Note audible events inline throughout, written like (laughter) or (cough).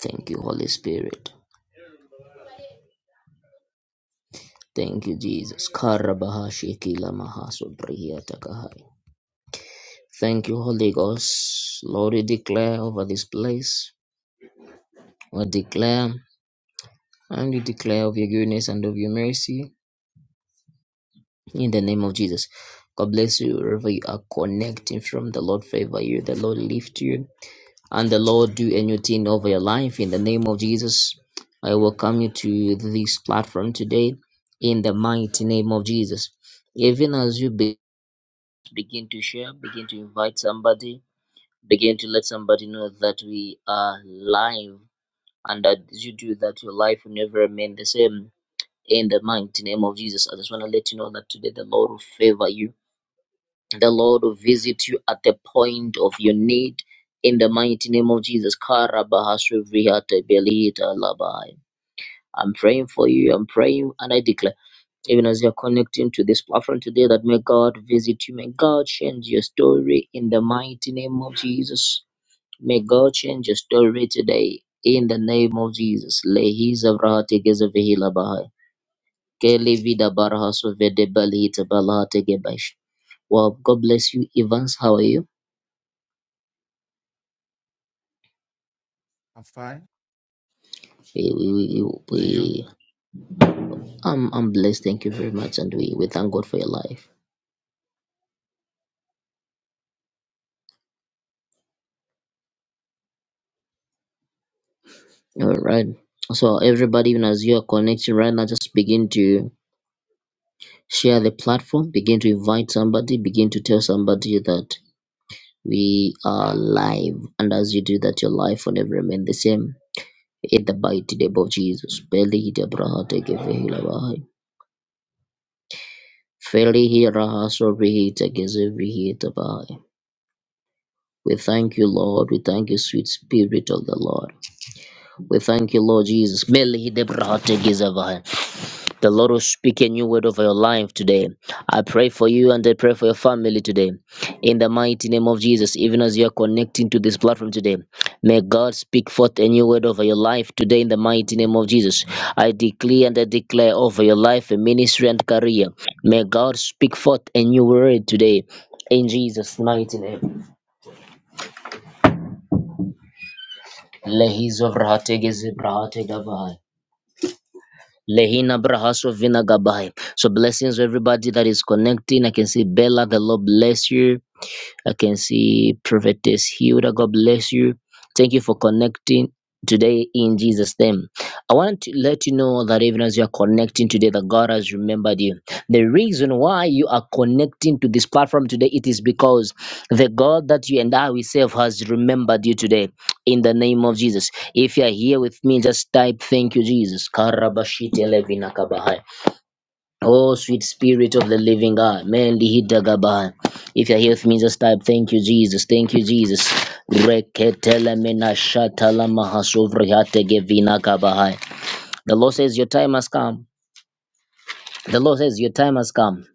Thank you, Holy Spirit. Thank you, Jesus. Karabahashi kila mahasobrihia takahai. Thank you, Holy Ghost. Lord, we declare over this place. We declare and we declare of your goodness and of your mercy in the name of Jesus. God bless you wherever you are connecting from. The Lord favor you. The Lord lift you. And the Lord do a new thing over your life in the name of Jesus. I welcome you to this platform today in the mighty name of Jesus. Even as you be begin to share, begin to invite somebody, begin to let somebody know that we are live and that as you do that, your life will never remain the same. In the mighty name of Jesus, I just want to let you know that today the Lord will favor you. The Lord will visit you at the point of your need. In the mighty name of Jesus, Karabahasrivrihate belita labai. I'm praying for you. I'm praying and I declare even as you're connecting to this platform today, that may God visit you. May God change your story in the mighty name of Jesus. May God change your story today in the name of Jesus. Lehi zavrahate gezevehila bahai. Kele vida barahaso vede balihita balahate gebash. Well, God bless you, Evans. How are you? I'm fine. We, we, we, And you? we- I'm, I'm blessed. Thank you very much. And we, we thank God for your life. All right. So, everybody, even as you are connecting right now, just begin to share the platform, begin to invite somebody, begin to tell somebody that we are live. And as you do that, your life will never remain the same. In the mighty name of Jesus. Beli de braha teke vehila bahai. Feli hira haso rihi teke zevi hi tabahai. We thank you, Lord. We thank you, sweet spirit of the Lord. We thank you, Lord Jesus. Meli Debrahate Gizavai. The Lord will speak a new word over your life today. I pray for you and I pray for your family today. In the mighty name of Jesus, even as you are connecting to this platform today, may God speak forth a new word over your life today in the mighty name of Jesus. I declare and I declare over your life, a ministry and career. May God speak forth a new word today in Jesus' mighty name. Lehi Zovrahate Gezebrahate Gavai. Lehina Brahaso Vinagabai. So blessings to everybody that is connecting. I can see Bella, the Lord bless you. I can see Prophetess Hilda. God bless you. Thank you for connecting today in Jesus' name. I want to let you know that even as you are connecting today, that God has remembered you. The reason why you are connecting to this platform today, it is because the God that you and I we serve has remembered you today in the name of Jesus. If you are here with me, just type thank you, Jesus. Karabashite levina kabahai. Oh, sweet spirit of the living God. Meli Hidagabai. If you're here with me, just type, thank you, Jesus. Thank you, Jesus. Reketele mena shatala mahasovri hate gevina kabahai. The Lord says, your time has come. The Lord says, your time has come.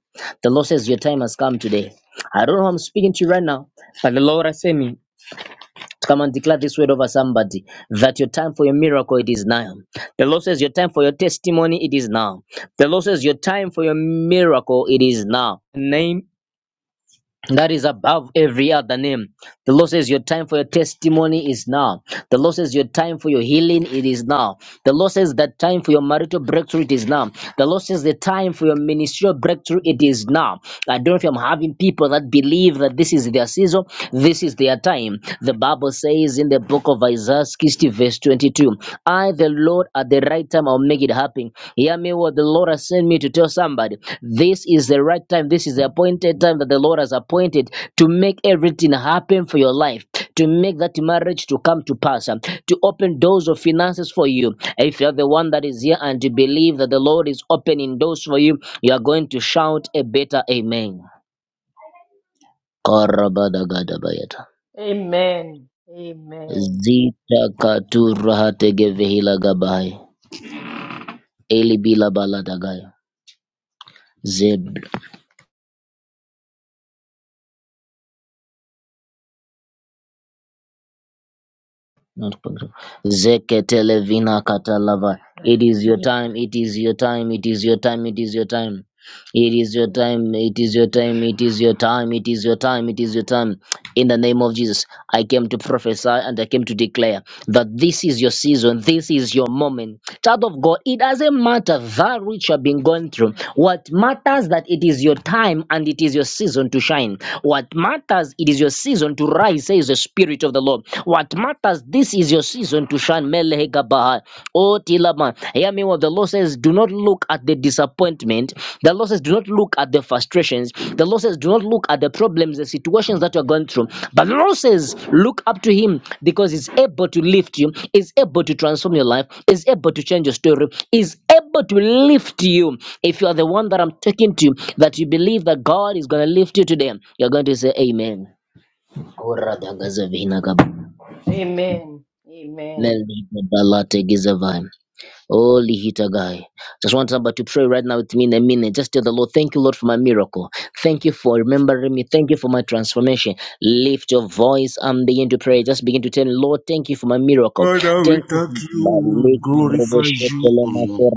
The Lord says, your time has come today. I don't know who I'm speaking to right now, but the Lord has sent me. Come and declare this word over somebody that your time for your miracle it is now. The Lord says your time for your testimony it is now. The Lord says your time for your miracle it is now. In the Name that is above every other name. The Lord says, Your time for your testimony is now. The Lord says, Your time for your healing, it is now. The Lord says, That time for your marital breakthrough, it is now. The Lord says, The time for your ministerial breakthrough, it is now. I don't know if I'm having people that believe that this is their season, this is their time. The Bible says in the book of Isaiah 60, verse 22, I, the Lord, are the right time I'll make it happen. Hear me what the Lord has sent me to tell somebody. This is the right time. This is the appointed time that the Lord has appointed to make everything happen for your life, to make that marriage to come to pass, um, to open doors of finances for you. If you're the one that is here and you believe that the Lord is opening doors for you, you are going to shout a better amen. Karabadagadabayata. Amen. Amen. Zita katura hatege gabai. Eli bila baladagaya. Zeb Not possible. Zeketelevina katalava. It is your time. It is your time. It is your time. It is your time. It is your time. It is your time. It is your time. It is your time. It is your time. In the name of Jesus, I came to prophesy and I came to declare that this is your season, this is your moment. Child of God, it doesn't matter that which you have been going through. What matters that it is your time and it is your season to shine. What matters it is your season to rise, says the Spirit of the Lord. What matters this is your season to shine. Melehe gabaha. Oh Tilama, hear me what the Lord says. Do not look at the disappointment disappointment. The Lord says, do not look at the frustrations. The Lord says, do not look at the problems, the situations that you are going through. But the Lord says, look up to Him because He's able to lift you, is able to transform your life, is able to change your story, is able to lift you. If you are the one that I'm talking to, that you believe that God is going to lift you today, you're going to say, Amen. Amen. Amen. Holy Hita guy. Just want somebody to pray right now with me in a minute. Just tell the Lord, thank you, Lord, for my miracle. Thank you for remembering me. Thank you for my transformation. Lift your voice and begin to pray. Just begin to tell him, Lord, thank you for my miracle. Father, we Thank you. thank you, we glorify you, O Lord,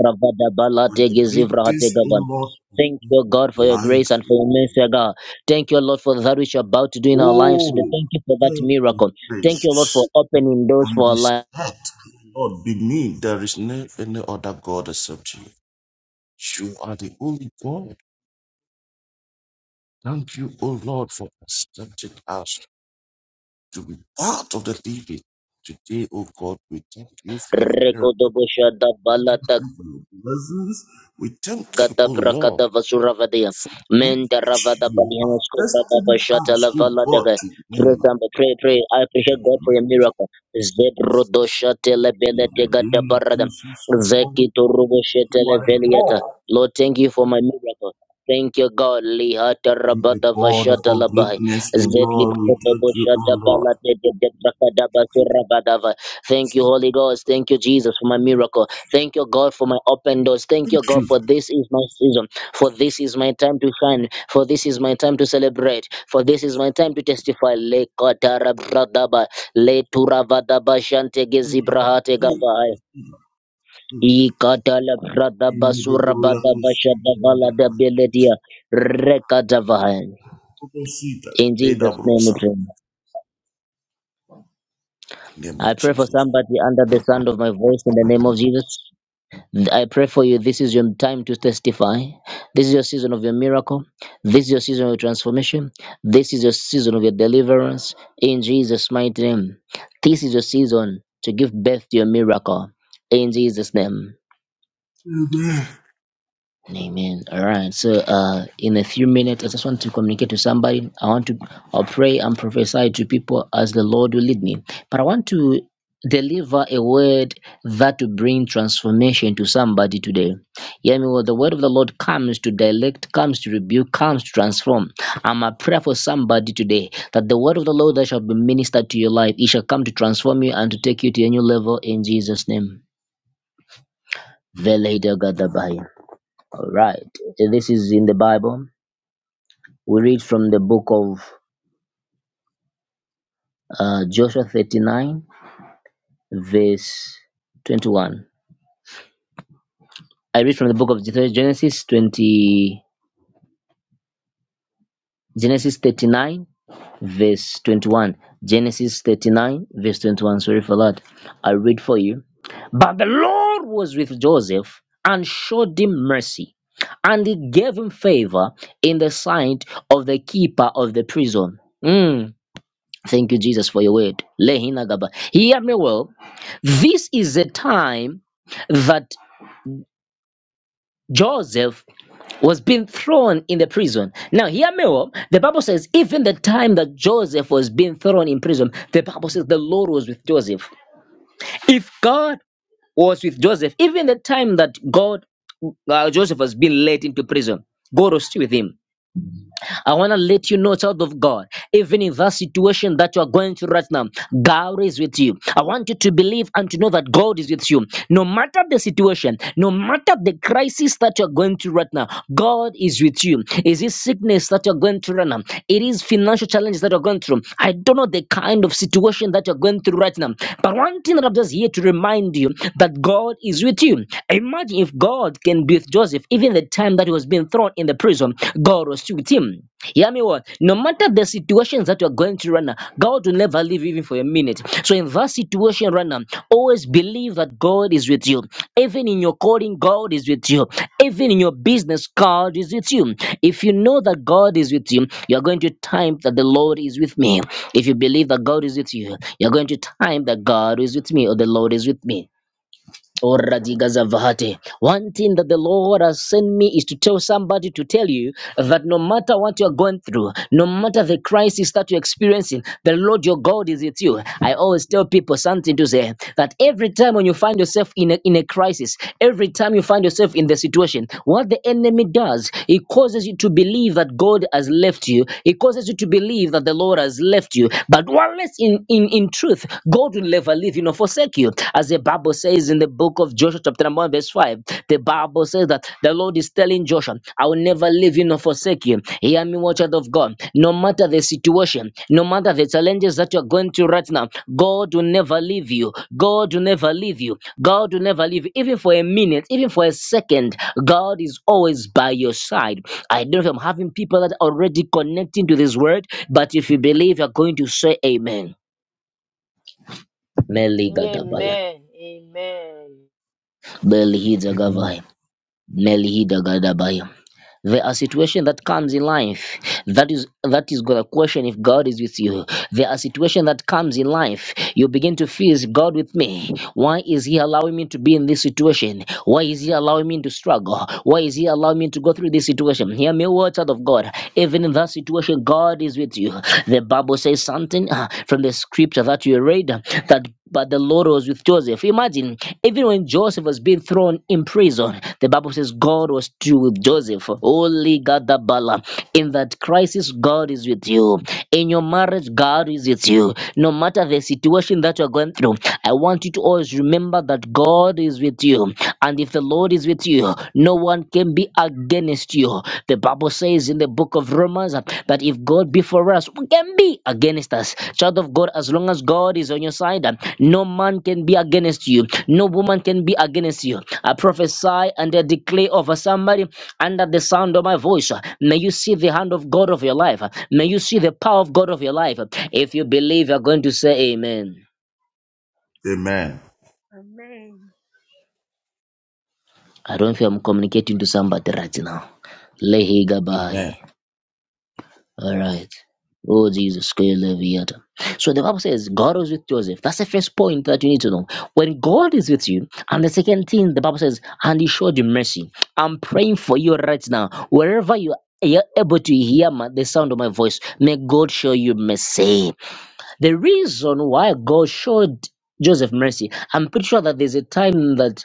for your greatest, O Lord, Thank you, God, for your life. grace and for your mercy, God. Thank you, Lord, for that which you're about to do in our lives today. Oh, Thank you for that miracle. Thank you, Lord, for purpose opening doors on for this our earth, Lord, beneath there is no any other God except you. You are the only God. Thank you, O Lord, for accepting us to be part of the living. Today, O God, we thank you for your help. We thank life. you for your blessings. We thank you, Gada O Lord. brakada vasura vadia. for that Menda which ravada you have balihasko brada tested bashata us, la O vala God, daga. Pray, today. somebody, pray, pray. I appreciate In the God for your mighty miracle. Zebro dosha in telebele the tegada name of barada. Jesus, O God, Zeki turubo you are shetele the veliata. God. Lord, thank you for my miracle. Thank you, God. Lihata In the rabada God of vashata all la bahai. greatness, O Zedli Lord, we brada thank you, O boshata Lord. balate de brakada basura badava. Thank you, Holy Ghost. Thank you, Jesus, for my miracle. Thank you, God, for my open doors. Thank you, Thank God, you for this is my season. For this is my time to shine. For this is my time to celebrate. For this is my time to testify. Le katara bradaba, le turavadaba shantege for your zibrahate faith, gavai. we see your faith. I katala In bradaba the glory of surabadaba Christ, in the name shadavala of God, dabeledia rekadavai. we see that. In Leda Jesus' name we Brusa, pray. in the name I of pray for Jesus. somebody under the sound of my voice in the name of Jesus. I pray for you. This is your time to testify. This is your season of your miracle. This is your season of your transformation. This is your season of your deliverance. In Jesus' mighty name. This is your season to give birth to your miracle. In Jesus' name. Amen. Amen. All right. So, uh, in a few minutes, I just want to communicate to somebody. I want to I'll pray and prophesy to people as the Lord will lead me. But I want to deliver a word that will bring transformation to somebody today. Yeah, well, the word of the Lord comes to direct, comes to rebuke, comes to transform. I'm a prayer for somebody today that the word of the Lord that shall be ministered to your life, it shall come to transform you and to take you to a new level in Jesus' name. Veleda gadabaya. All right. This is in the Bible. We read from the book of uh, Joshua 39, verse 21. I read from the book of Genesis 20, Genesis 39, verse 21. Genesis 39, verse 21. Sorry for that. I read for you. But the Lord was with Joseph and showed him mercy, and he gave him favor in the sight of the keeper of the prison. Mm. Thank you, Jesus, for your word. Lehina gaba. Hear me well. This is a time that Joseph was being thrown in the prison. Now, hear me well. The Bible says, even the time that Joseph was being thrown in prison, the Bible says the Lord was with Joseph. If God was with Joseph, even the time that God, uh, Joseph was being led into prison, God was still with him. I want to let you know, child of God, even in that situation that you are going through right now, God is with you. I want you to believe and to know that God is with you. No matter the situation, no matter the crisis that you're going through right now, God is with you. Is it sickness that you're going through right now? It is financial challenges that you're going through. I don't know the kind of situation that you're going through right now. But one thing that I'm just here to remind you that God is with you. Imagine if God can be with Joseph. Joseph, even the time that he was being thrown in the prison, God was with him. Hear me well. No matter the situations that you are going through right now, God will never leave you even for a minute. So in that situation right now, always believe that God is with you. Even in your calling, God is with you. Even in your business, God is with you. If you know that God is with you, you are going to time that the Lord is with me. If you believe that God is with you, you are going to time that God is with me or the Lord is with me. Oradigazavahate. One thing that the Lord has sent me is to tell somebody to tell you that no matter what you're going through, no matter the crisis that you're experiencing, the Lord your God is with you. I always tell people something to say that every time when you find yourself in a, in a crisis, every time you find yourself in the situation, what the enemy does, he causes you to believe that God has left you. It causes you to believe that the Lord has left you. But unless in, in, in truth, God will never leave you nor forsake you. As the Bible says in the book of Joshua, chapter number 1, verse 5, the Bible says that the Lord is telling Joshua, I will never leave you nor forsake you. Hear me, watch out of God. No matter the situation, no matter the challenges that you're going through right now, God will never leave you. God will never leave you. God will never leave you. Even for a minute, even for a second, God is always by your side. I don't know if I'm having people that are already connecting to this word, but if you believe, you're going to say amen. Meligadabaya. Amen. Amen. Amen. Belihidagavaya. Melihidagadabaya. There are situations that comes in life that is that is gonna question if God is with you. There are situations that comes in life you begin to feel is God with me? Why is He allowing me to be in this situation? Why is He allowing me to struggle? Why is He allowing me to go through this situation? Hear me, words out of God. Even in that situation, God is with you. The Bible says something uh, from the scripture that you read that but the Lord was with Joseph. Imagine, even when Joseph was being thrown in prison, the Bible says God was still with Joseph. Holy Gadabala. In that crisis, God is with you. In your marriage, God is with you. No matter the situation that you're going through, I want you to always remember that God is with you you. And if the Lord is with you, no one can be against you. The Bible says in the book of Romans uh, that if God be for us, who can be against us? Child of God, as long as God is on your side, uh, no man can be against you. No woman can be against you. I prophesy and I declare over somebody under the sound of my voice. uh, May you see the hand of God of your life. uh, May you see the power of God of your life. uh, If you believe, you're going to say amen. Amen. Amen. I don't feel I'm communicating to somebody right now. Lehi Gabai. Amen. All right. Oh, Jesus. Koyeleviata. So the Bible says God was with Joseph. That's the first point that you need to know. When God is with you, and the second thing the Bible says, and He showed you mercy. I'm praying for you right now. Wherever you are able to hear my, the sound of my voice, may God show you mercy. The reason why God showed Joseph mercy, I'm pretty sure that there's a time that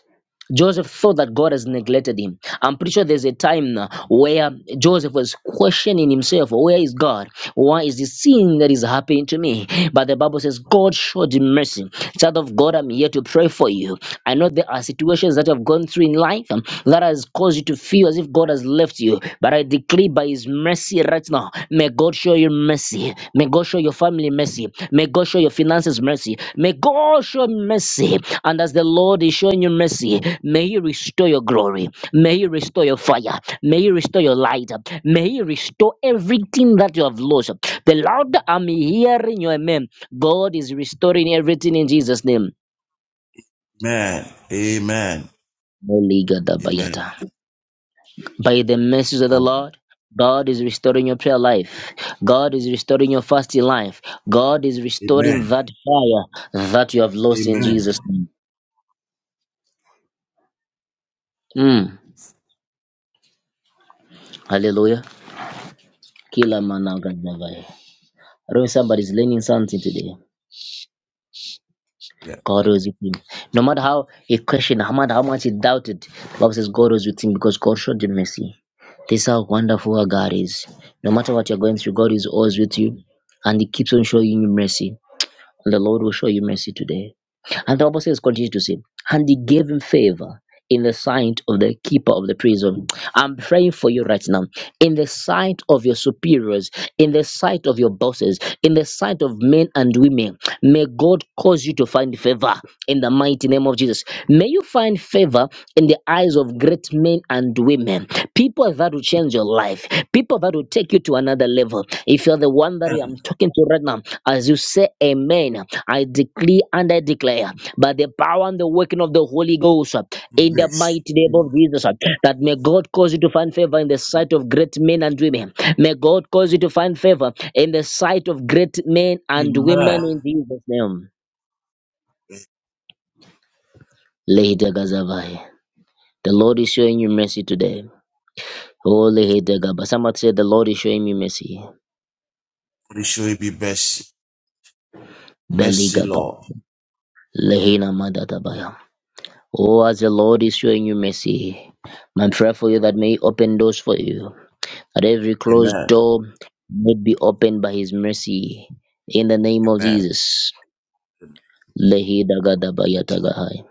Joseph thought that God has neglected him. I'm pretty sure there's a time now where Joseph was questioning himself, where is God? Why is this sin that is happening to me? But the Bible says God showed him mercy. Child of God, I'm here to pray for you. I know there are situations that you have gone through in life um, that has caused you to feel as if God has left you. But I declare by His mercy right now, may God show you mercy. May God show your family mercy. May God show your finances mercy. May God show mercy. And as the Lord is showing you mercy, may He restore your glory. May He restore your fire. May He restore your light. May He restore everything that you have lost. The louder I'm hearing your amen, God is restoring everything in Jesus' name. Amen. Amen. Moliga Amen. dabayata. by the mercies of the Lord. God is restoring your prayer life. God is restoring your fasting life. God is Amen. restoring that fire that you have lost in Amen. Jesus' name. Mm. Hallelujah. Kila managazavai. I don't know if somebody's learning something today. Yeah. God was with him. No matter how he questioned, no matter how much he doubted, the Bible says God was with him because God showed him mercy. This is how wonderful our God is. No matter what you're going through, God is always with you and he keeps on showing you mercy. and the Lord will show you mercy today. And the Bible says, continue to say, and he gave him favor in the sight of the keeper of the prison. I'm praying for you right now. In the sight of your superiors, in the sight of your bosses, in the sight of men and women, may God cause you to find favor in the mighty name of Jesus. May you find favor in the eyes of great men and women People that will change your life. People that will take you to another level. If you're the one that And I'm talking to right now, as you say amen, I decree and I declare by the power and the working of the Holy Ghost uh, in the bless. mighty name of Amen. Jesus uh, that may God cause you to find favor in the sight of great men and women. May God cause you to find favor in the sight of great men and women in Jesus' name. Lady Gazavai, the Lord is showing you mercy today. Holy Hidegaba. Somebody said the Lord is showing me mercy. God shall be blessed. Mercy, Beligaba. Lord. Lehina Madatabaya. Oh, as the Lord is showing you mercy, my prayer for you that may He open doors for you, that every closed Amen. door would be opened by His mercy. In the name of Amen. Jesus. Lehida Gadabaya Tagahai.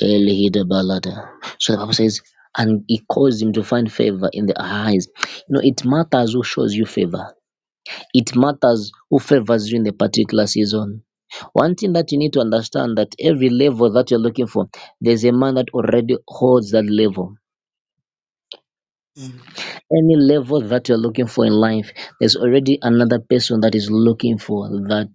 Elehida Balada. So the Bible says, and He caused him to find favor in the eyes. You know, it matters who shows you favor, it matters who favors you in the particular season One thing that you need to understand that every level that you're looking for, there's a man that already holds that level. Amen. Any level that you're looking for in life, there's already another person that is looking for that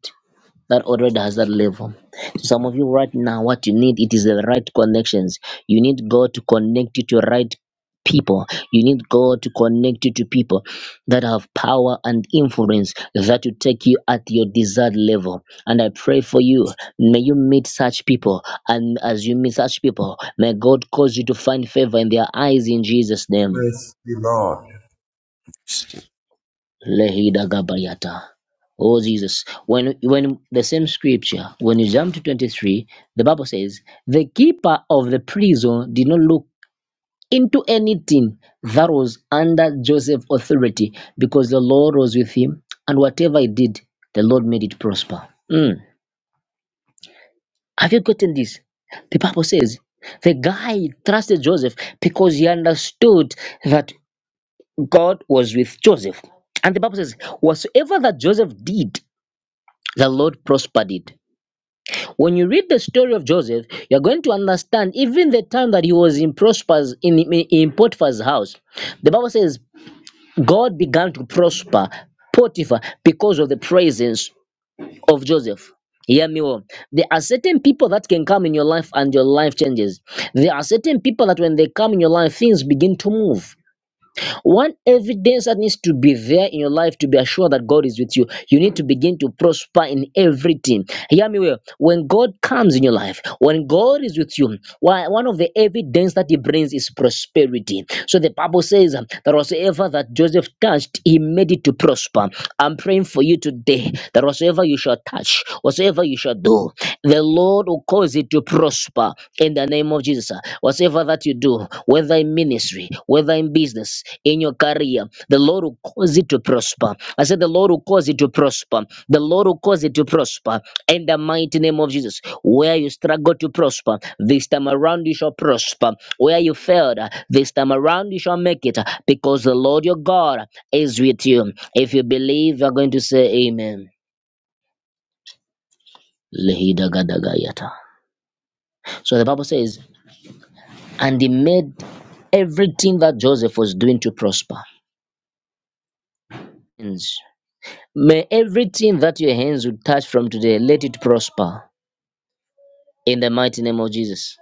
that already has that level. So some of you right now, what you need it is the right connections. You need God to connect you to right people. You need God to connect you to people that have power and influence that will take you at your desired level. And I pray for you. May you meet such people. And as you meet such people, may God cause you to find favor in their eyes in Jesus' name. Mercy, Lord. Lehida Gabayata. Oh Jesus. When when the same scripture, when you jump to 23, the Bible says, the keeper of the prison did not look into anything that was under Joseph's authority, because the Lord was with him, and whatever he did, the Lord made it prosper. Mm. Have you gotten this? The Bible says the guy trusted Joseph because he understood that God was with Joseph. And the Bible says, whatsoever that Joseph did, the Lord prospered it. When you read the story of Joseph, you're going to understand even the time that he was in prosper's in, in Potiphar's house. The Bible says God began to prosper Potiphar because of the presence of Joseph. Hear me well. There are certain people that can come in your life and your life changes. There are certain people that when they come in your life, things begin to move. One evidence that needs to be there in your life to be assured that God is with you, you need to begin to prosper in everything. Hear me well. When God comes in your life, when God is with you, why one of the evidence that He brings is prosperity. So the Bible says um, that whatsoever that Joseph touched, he made it to prosper. I'm praying for you today that whatsoever you shall touch, whatsoever you shall do, the Lord will cause it to prosper in the name of Jesus. uh, Whatever that you do, whether in ministry, whether in business, in your career, the Lord will cause it to prosper. I said, The Lord will cause it to prosper. The Lord will cause it to prosper in the mighty name of Jesus. Where you struggle to prosper, this time around you shall prosper. Where you failed, uh, this time around you shall make it uh, because the Lord your God is with you. If you believe, you're going to say, Amen. Lehida gadagayata. So the Bible says, and he made everything that Joseph was doing to prosper. May everything that your hands would touch from today, let it prosper in the mighty name of Jesus.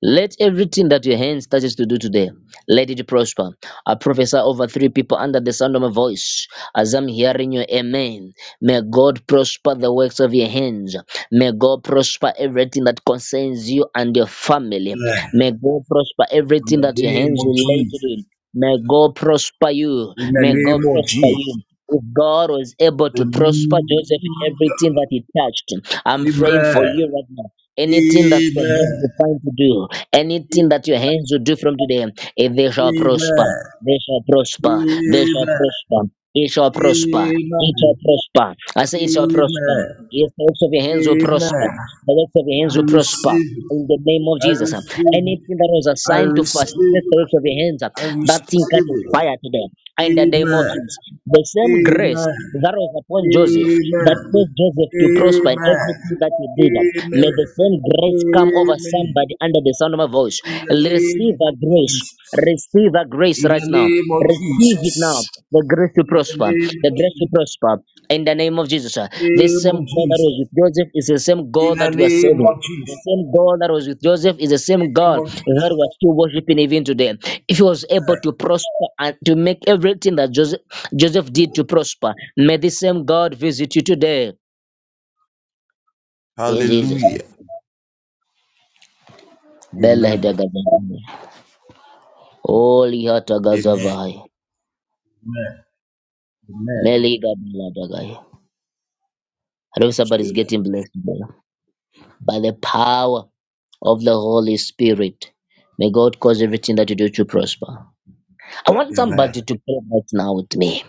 Let everything that your hand touches to do today, let it prosper. I prophesy over three people under the sound of my voice as I'm hearing your amen. May God prosper the works of your hands. May God prosper everything that concerns you and your family. Amen. May God prosper In everything the that your name hands of related Jesus. in. May God prosper you. In the May God name of prosper Jesus. you. If God was able to prosper Joseph in Hallelujah. everything that he touched, I'm praying for Amen. you right now anything that your hands Amen. are trying to do Anything that your hands will do from today, if they shall prosper, Amen. they shall prosper, they shall Amen. prosper, it shall prosper, it shall Amen. prosper. I say it shall prosper. Amen. Yes, the works of your hands will prosper. Amen. The works of your I hands will prosper. receive it. In the name of I Jesus, receive it. anything that was I assigned to fast, the receive it. works of your hands, I that thing receive catches it. fire today in the name of Amen. Jesus. The same grace Amen. that was upon Joseph, that Amen. caused Joseph to prosper in Amen. everything that he did, may Amen. the same grace come over Amen. somebody under the sound of my voice. In the Receive name a of grace. Jesus. Receive a grace In right the now. name of Receive it now. Jesus. The grace to In the prosper. name The of grace to Jesus. prosper. In the name of Jesus. This Name same of God that Jesus. was with Joseph is the same In God the that we are name serving. of Jesus. The same God that was with Joseph is the In same the God Name of that we are Jesus. still worshiping even today. If he was able to prosper and to make everything that Joseph, Joseph did to prosper, may the same God visit you today in Jesus. Hallelujah. Bella Amen. Hidagazavai. Holy Amen. Hatagazavai. Amen. Amen. Meliga Beladagai. I know somebody's Stood up. getting blessed today. By the power of the Holy Spirit, may God cause everything that you do to prosper. I want Amen. somebody to pray right now with me.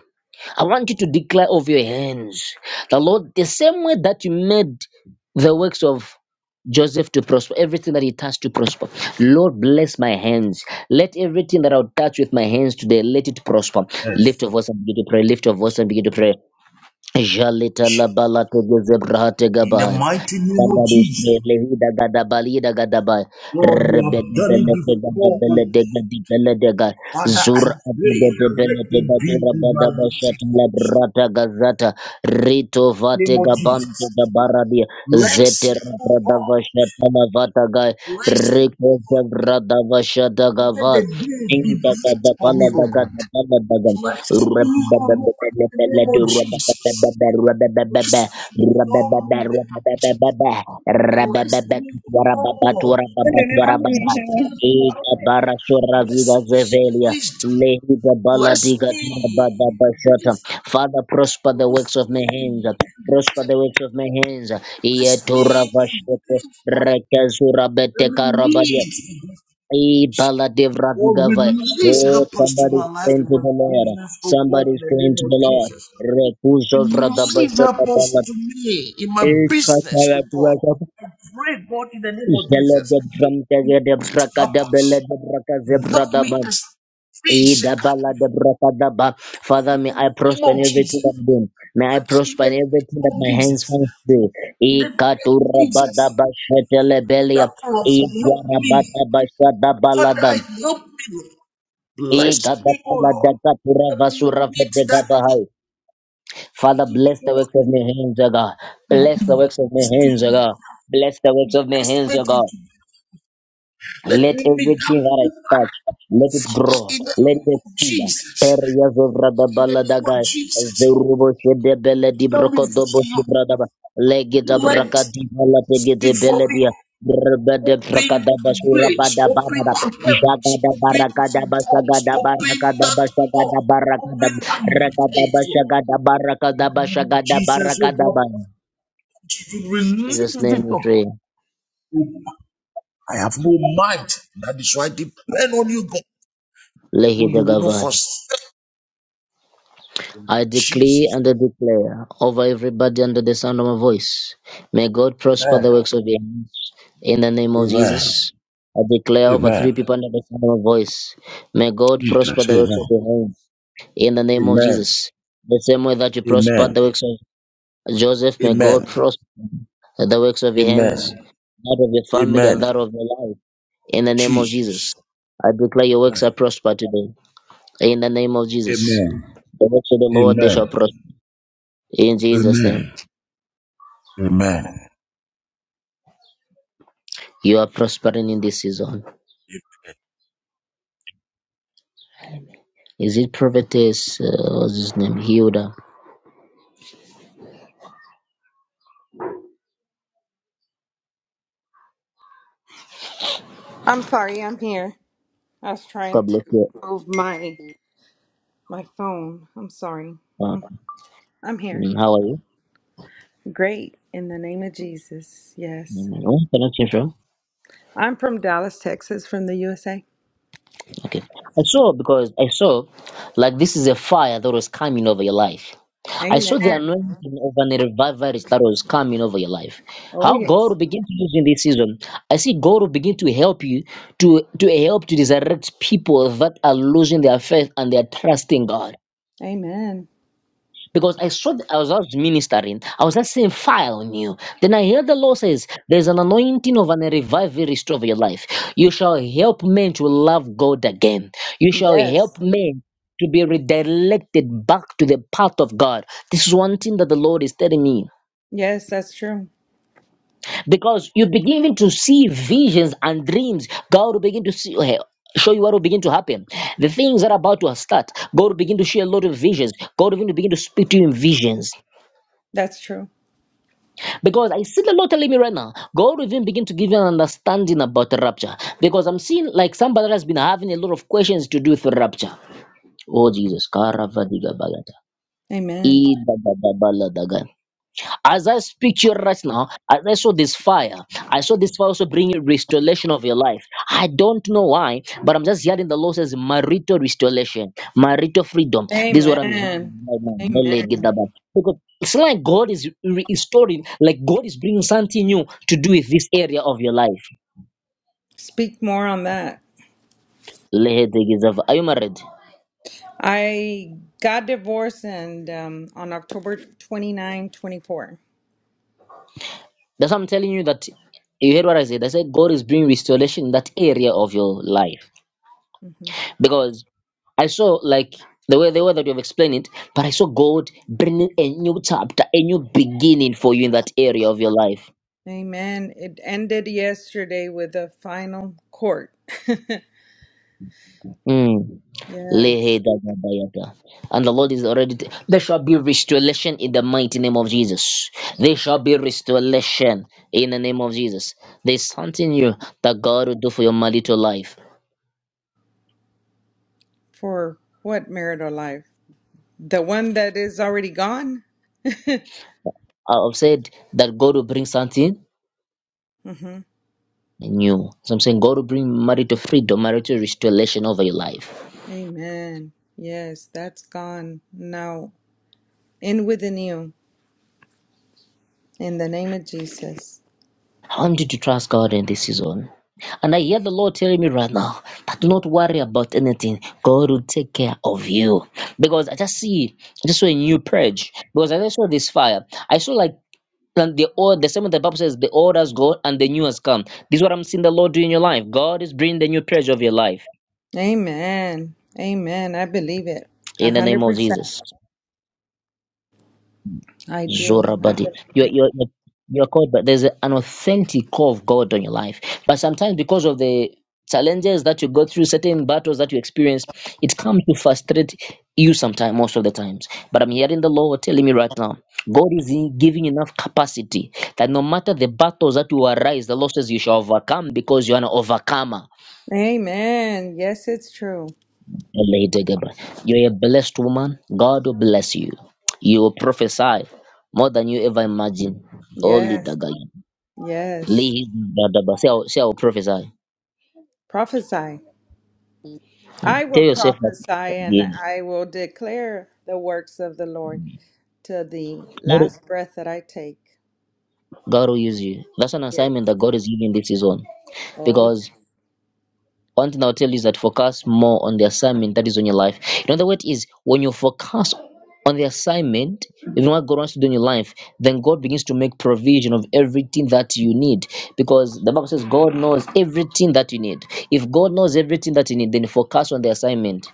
I want you to declare over your hands the Lord the same way that you made the works of Joseph to prosper, everything that he touched to prosper. Lord, bless my hands. Let everything that I'll touch with my hands today, let it prosper. Lift Yes. your voice and begin to pray. Lift your voice and begin to pray. Jalita la balata gezebrahate In the gabai. mighty name of Somebody Jesus. pray Lehida Gada Balida Gada Ba Lord, you have Rebecca done it Bella Tega da before. oh. Bella Dega di Bella Dega Father, I Zura pray, Atega de let Bella Tega it be Tura in my Bada life. In Bashata La Brata Gazata Rito the name vate of Bantu Jesus. da Baradia Bless Zeter me, O Brada God. Vashata La Vata ga Bless me, Rico O God. Zavrada Vashata Let the Gava day be Tinta Gada blessed for me, Pala O Daga God. da Pala Daga Bless me, Rabba O Lord, Bella in the Bella name of Dura Jesus. Bada Bada Rabba Bless me Rabababa, beyond the age. Bless me, O Lord. I don't know what kind of person you are. Bless me in wisdom. Bless me in peace. Father, prosper the Bless works of my me hands. in Prosper the works of my hands. Bless me Ietura in peace. Rekazura Let beteka me rabadia. meet Ibala devra Oh, release Oh, helpers to my somebody's life praying in to my the Lord. business, oh God, in Somebody's the praying name to the of Lord. Jesus. Rekuzo Release helpers to me in my business, oh God. Ekatalabrakapa, I pray, God, in the name of Jesus. Release helpers. to Help me jalebebrakadabelebrakazebradaba, as free God, in idabaladabrakadaba. Father, may the I name prosper in of everything Jesus. that I do. May I In prosper the in name everything that of my hands Jesus. finds to do. In the name of Jesus. Ekaturabadabashetelebelia, Helpers, help me. Father, idwarabadabashadabalada, help me. Bless me, oh Lord. Let me meet igadabaladakaturavasuravadegabahai. Father, that bless the works of my hands, O God. Bless the works of my hands, O God. Bless the works of my hands, O expecting God. to be. let Let me meet that everything that I touch, let it grow. in the Let name the of seed. Jesus. Areas of In the name of Radabaladagai. As the Jesus, rubble shed the belly, the come before brocodobo you. shibradaba. Legit of Let Rakadibala, the speak gete for me. beledia. Rabada Open Frakadaba the bridge, Surabada open Barada. the heavens, Jagada open the Barakadaba doors, Sagadaba open that Rakadaba door, Sagadaba Rakadaba open that Rakadaba gate. In Shagadaba Rakadaba the name of Shagada Jesus, oh Barakadaba. God, In to release it Jesus' name we upon pray. I have no mind. That is why I depend on you, God. Who you will not Lehi forsake. in the name of I decree Jesus. and I declare over everybody under the sound of my voice. May God prosper Amen. the works of your hands. In the name of Amen. Jesus, I declare over Amen. three people under the sound of my voice. May God prosper Jesus. the works of Amen. your hands. In the name of Amen. Jesus, the same way that you prospered the Amen. works of Joseph, may God Amen. prosper the works of your hands, Amen. that of your family, Amen. and that of your life. In the name of Jesus, Jesus. I declare your works Amen. are prospered today. In the name of Jesus, Amen. the works of the Lord they shall Amen. prosper. In Jesus' Amen. name. Amen. Amen. You are prospering in this season. Is it prophetess? Uh, what's his name? Hilda. I'm sorry, I'm here. I was God trying bless to you. move my my phone. I'm sorry. Uh, Mm, I'm here. mm, how are you? Great. In the name of Jesus. Yes. Mm, Where can I change from? I'm from Dallas, Texas, from the USA. Okay. I saw because I saw like this is a fire that was coming over your life. I saw Amen. the anointing of an revival that was coming over your life. Oh How God yes. will begin to use in this season. I see God will begin to help you to to help to resurrect people that are losing their faith and they are trusting God. Amen. because I saw the, I was just ministering. I was just saying fire on you. Then I heard the Lord says, "There's an anointing of an a revival restore of your life. You shall help men to love God again. You shall help Yes. men." To be redirected back to the path of God. This is one thing that the Lord is telling me. Yes, that's true. Because you begin to see visions and dreams. God will begin to see, uh, show you what will begin to happen. The things that are about to start, God will begin to share a lot of visions. God will begin to begin to speak to you in visions. That's true. Because I see the Lord telling me right now, God will even begin to give you an understanding about the rapture. Because I'm seeing like somebody that has been having a lot of questions to do with the rapture. Oh Jesus. Karavadigabalata. Amen. As I speak to you right now, as I saw this fire, I saw this fire also bringing restoration of your life. I don't know why, but I'm just hearing the Lord says marital restoration, marital freedom. This is Amen. what I'm hearing right now. Mele Amen. Gedaba. Because it's like God is re- restoring, like God is bringing something new to do with this area of your life. Speak more on that. Lehe de Are you married? I got divorced and um, on October 29, 24. That's what I'm telling you that you heard what I said. I said God is bringing restoration in that area of your life Mm-hmm. because I saw like the way the way that you have explained it, but I saw God bringing a new chapter, a new beginning for you in that area of your life. Amen. It ended yesterday with a final court. Mm. (laughs) yes. Lehedagadayata. And the Lord is already. t- there shall be restoration in the mighty name of Jesus. There shall be restoration in the name of Jesus. There's something new that God will do for your marital life. For what marital life? The one that is already gone? I've said that God will bring something hmm new. So I'm saying God will bring marital freedom, marital restoration over your life. Amen. Yes, that's gone now in within you in the name of Jesus. I want you to trust God in this season. And I hear the Lord telling me right now that do not worry about anything. God will take care of you. Because I just see, I just saw a new purge. Because I just saw this fire. I saw like and the old, the same way the Bible says, the old has gone and the new has come. This is what I'm seeing the Lord do in your life. God is bringing the new purge of your life Amen. Amen. I believe it. A in the hundred name of percent. Jesus. I do. I Zorabadi. believe You're, it. you're, you're you're called, but there's an authentic call of God on your life. But sometimes, because of the challenges that you go through, certain battles that you experience, it comes to frustrate you sometimes, most of the times. But I'm hearing the Lord telling me right now God is in- giving you enough capacity that no matter the battles that will arise, the losses you shall overcome because you're an overcomer. Amen. Yes, it's true. You're a blessed woman. God will bless you. You will prophesy more than you ever imagined. Holy Yes. Daga. Yes. Lee Dadaba. See how, see how prophesy. Prophesy. Tell I will yourself that prophesy and again. I will declare the works of the Lord to the God, last breath that I take. God will use you. That's an Yes. assignment that God is giving this season. Oh, yes. Because one thing I'll tell you is that focus more on the assignment that is on your life. In other words, is when you focus on the assignment, even what God wants to do in your life, then God begins to make provision of everything that you need. Because the Bible says God knows everything that you need. If God knows everything that you need, then focus on the assignment.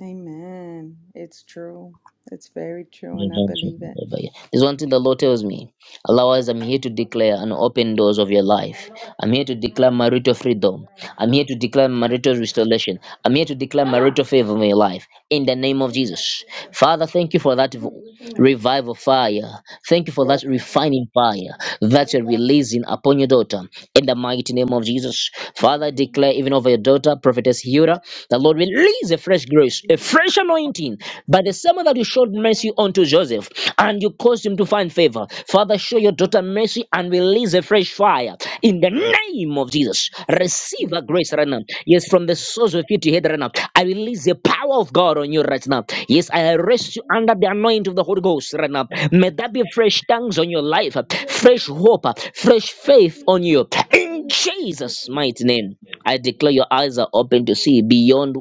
amen. It's true. It's very true, and I believe it. There's one thing the Lord tells me. Otherwise, I'm here to declare an open doors of your life. I'm here to declare marital freedom. I'm here to declare marital restoration. I'm here to declare marital favor in your life. In the name of Jesus. Father, thank you for that v- revival fire. Thank you for that Yes. refining fire that you're releasing upon your daughter. In the mighty name of Jesus. Father, I declare even over your daughter, Prophetess Hura, the Lord release a fresh grace, a fresh anointing. By the same that you showed mercy unto Joseph and you caused him to find favor. Father, show your daughter mercy and release a fresh fire in the name of Jesus. It's the Receive truth. a grace right now. Yes, from the source of your head right now. I release the power of God on you right now. Yes, I arrest you under the anointing of the Holy Ghost right now. May that be fresh tongues on your life, fresh hope, fresh faith on you. In Jesus' mighty name, I declare your eyes are open to see beyond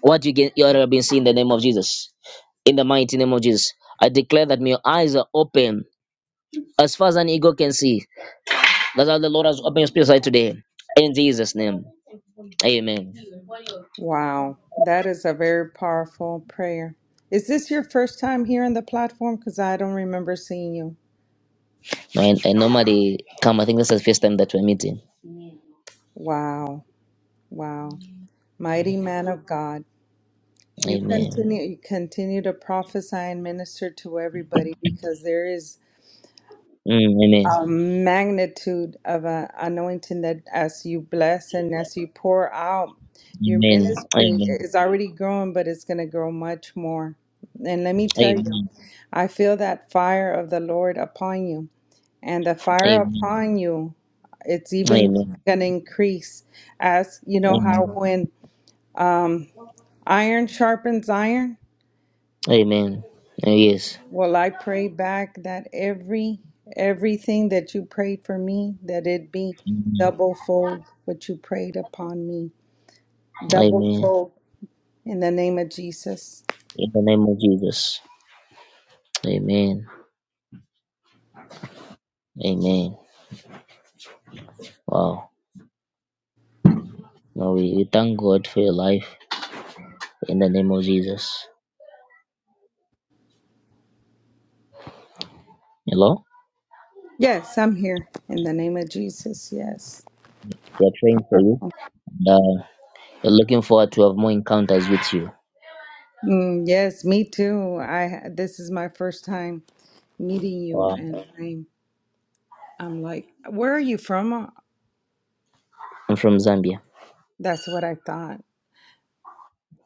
what you get, you are being seen in the name of Jesus. In the mighty name of Jesus, I declare that may your eyes are open as far as an eagle can see. That's how the Lord has opened your spiritual eye today. In Jesus' name, Amen. Wow. That is a very powerful prayer. Is this your first time here on the platform? Because I don't remember seeing you. And, and normally come. I think this is the first time that we're meeting. Wow. Wow. Mighty man of God. You Amen. continue you continue to prophesy and minister to everybody because there is Mm, amen. a magnitude of an anointing that as you bless and as you pour out, your Amen. ministry Amen. is already growing, but it's going to grow much more. And let me tell Amen. you, I feel that fire of the Lord upon you, and the fire Amen. upon you, it's even Amen. going to increase. As you know, how Amen. when iron sharpens iron, Amen. Uh, Yes. Well, I pray back that every everything that you prayed for me, that it be Amen. double fold what you prayed upon me. Double Amen. fold in the name of Jesus. In the name of Jesus. Amen. Amen. Wow. Now we, we thank God for your life in the name of Jesus. Hello? Yes, I'm here in the name of Jesus. Yes. We are praying for Power. you. And, uh, we're looking forward to have more encounters with you. Mm, yes, me too. I this is my first time meeting you Wow. and I'm I'm like, where are you from? I'm from Zambia. That's what I thought.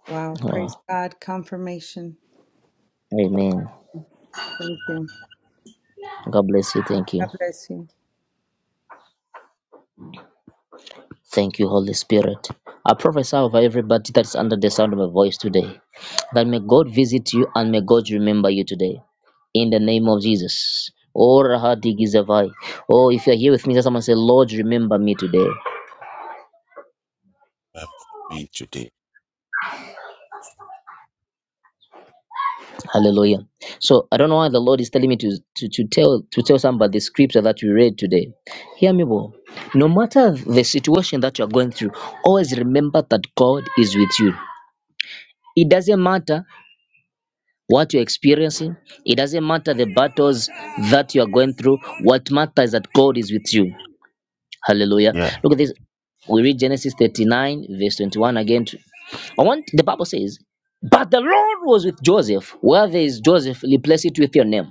Wow, Wow. praise God, confirmation. Amen. Thank you. God bless you. Thank you. God bless you. Thank you, Holy Spirit. I prophesy over everybody that's under the sound of my voice today that may God visit you and may God remember you today in the name of Jesus. Oh, Rahadigizavai. Oh, if you're here with me, just someone say, Lord, remember me today. For me today. Hallelujah. So I don't know why the Lord is telling me to, to, to tell to tell somebody the scripture that we read today. Hear me well. No matter the situation that you're going through, always remember that God is with you. It doesn't matter what you're experiencing, it doesn't matter the battles that you are going through. What matters is that God is with you. Hallelujah. Yeah. Look at this. We read Genesis 39, verse 21 again. to- I want the Bible says, But the Lord was with Joseph. Where there is Joseph, replace it with your name.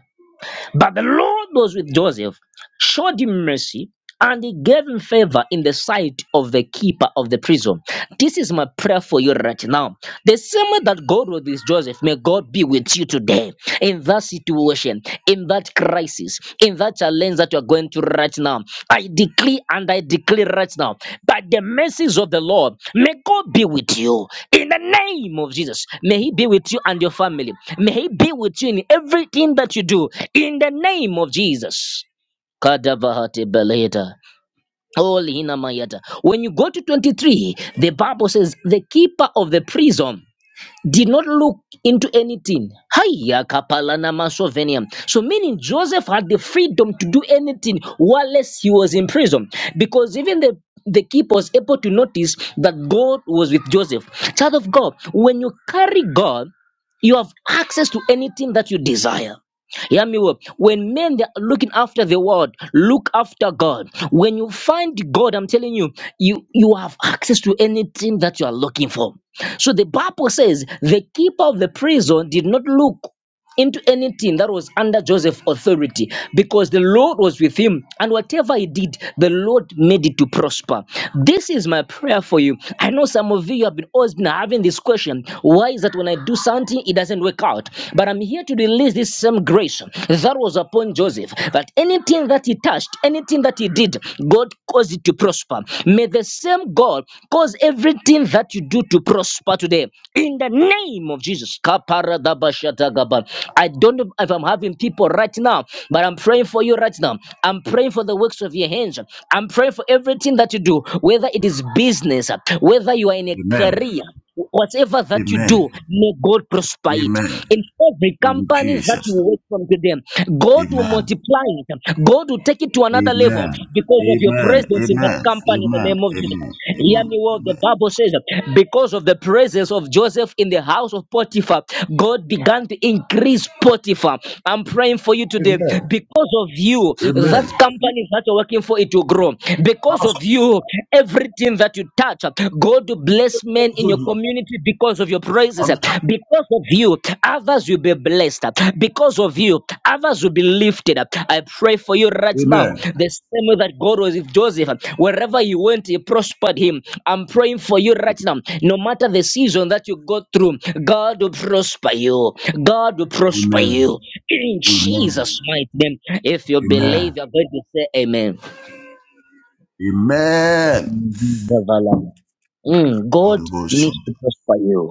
But the Lord was with Joseph showed him mercy and he gave him favor in the sight of the keeper of the prison. This is my prayer for you right now. The same way that God was with Joseph, may God be with you today in that situation, in that crisis, in that challenge that you are going to right now. I declare and I declare right now, by the mercies of the Lord, may God be with you in the name of Jesus. May He be with you and your family. May He be with you in everything that you do in the name of Jesus. Kadabahati beleta. Oh, Lina Mayata. When you go to 23, the Bible says, the keeper of the prison did not look into anything. Hiya kapalana masovenia. So meaning Joseph had the freedom to do anything whilst he was in prison. Because even the the keeper was able to notice that God was with Joseph. Child of God, when you carry God, you have access to anything that you desire. Yeah, me well. When men they are looking after the world, look after God. When you find God, I'm telling you, you you have access to anything that you are looking for. So the Bible says the keeper of the prison did not look into anything that was under Joseph's authority because the Lord was with him and whatever he did, the Lord made it to prosper. This is my prayer for you. I know some of you have been always been having this question why is that when I do something, it doesn't work out? But I'm here to release this same grace that was upon Joseph that anything that he touched, anything that he did, God caused it to prosper. May the the same God cause everything that you do to prosper today in the name of Jesus. Kaparadabashatagaba. I don't know if I'm having people right now, but I'm praying for you right now. I'm praying for the works of your hands. I'm praying for everything that you do, whether it is business, whether you are in a Amen. career. Whatever that you Amen. do, may God prosper it. Amen. In every In company that you Jesus. name. work from today, God will Amen. multiply it. God will take it to another level Amen. because of your Amen. presence in that Amen. company in the Amen. name of Jesus. Amen. Hear Amen. me well. The Amen. Bible says, because of the presence of Joseph in the house of Potiphar, God began to increase Potiphar. I'm praying for you today Amen. because of you, Amen. that company that you're working for, it will grow. Because Pastor of you, everything that you touch, God will bless men in your Jody, community because of your praises. I'm tired. Because of you, others will be blessed. Because of you, others will be lifted up. I pray for you right now. Amen. The same way that God was with Joseph, wherever he went, he prospered him. I'm praying for you right now. No matter the season that you go through, God will prosper you. God will prosper Amen. you. In Amen. Jesus' mighty name, if you believe, Amen. you're going to say amen Amen. development. Mm, God Holy Ghost. needs to prosper you.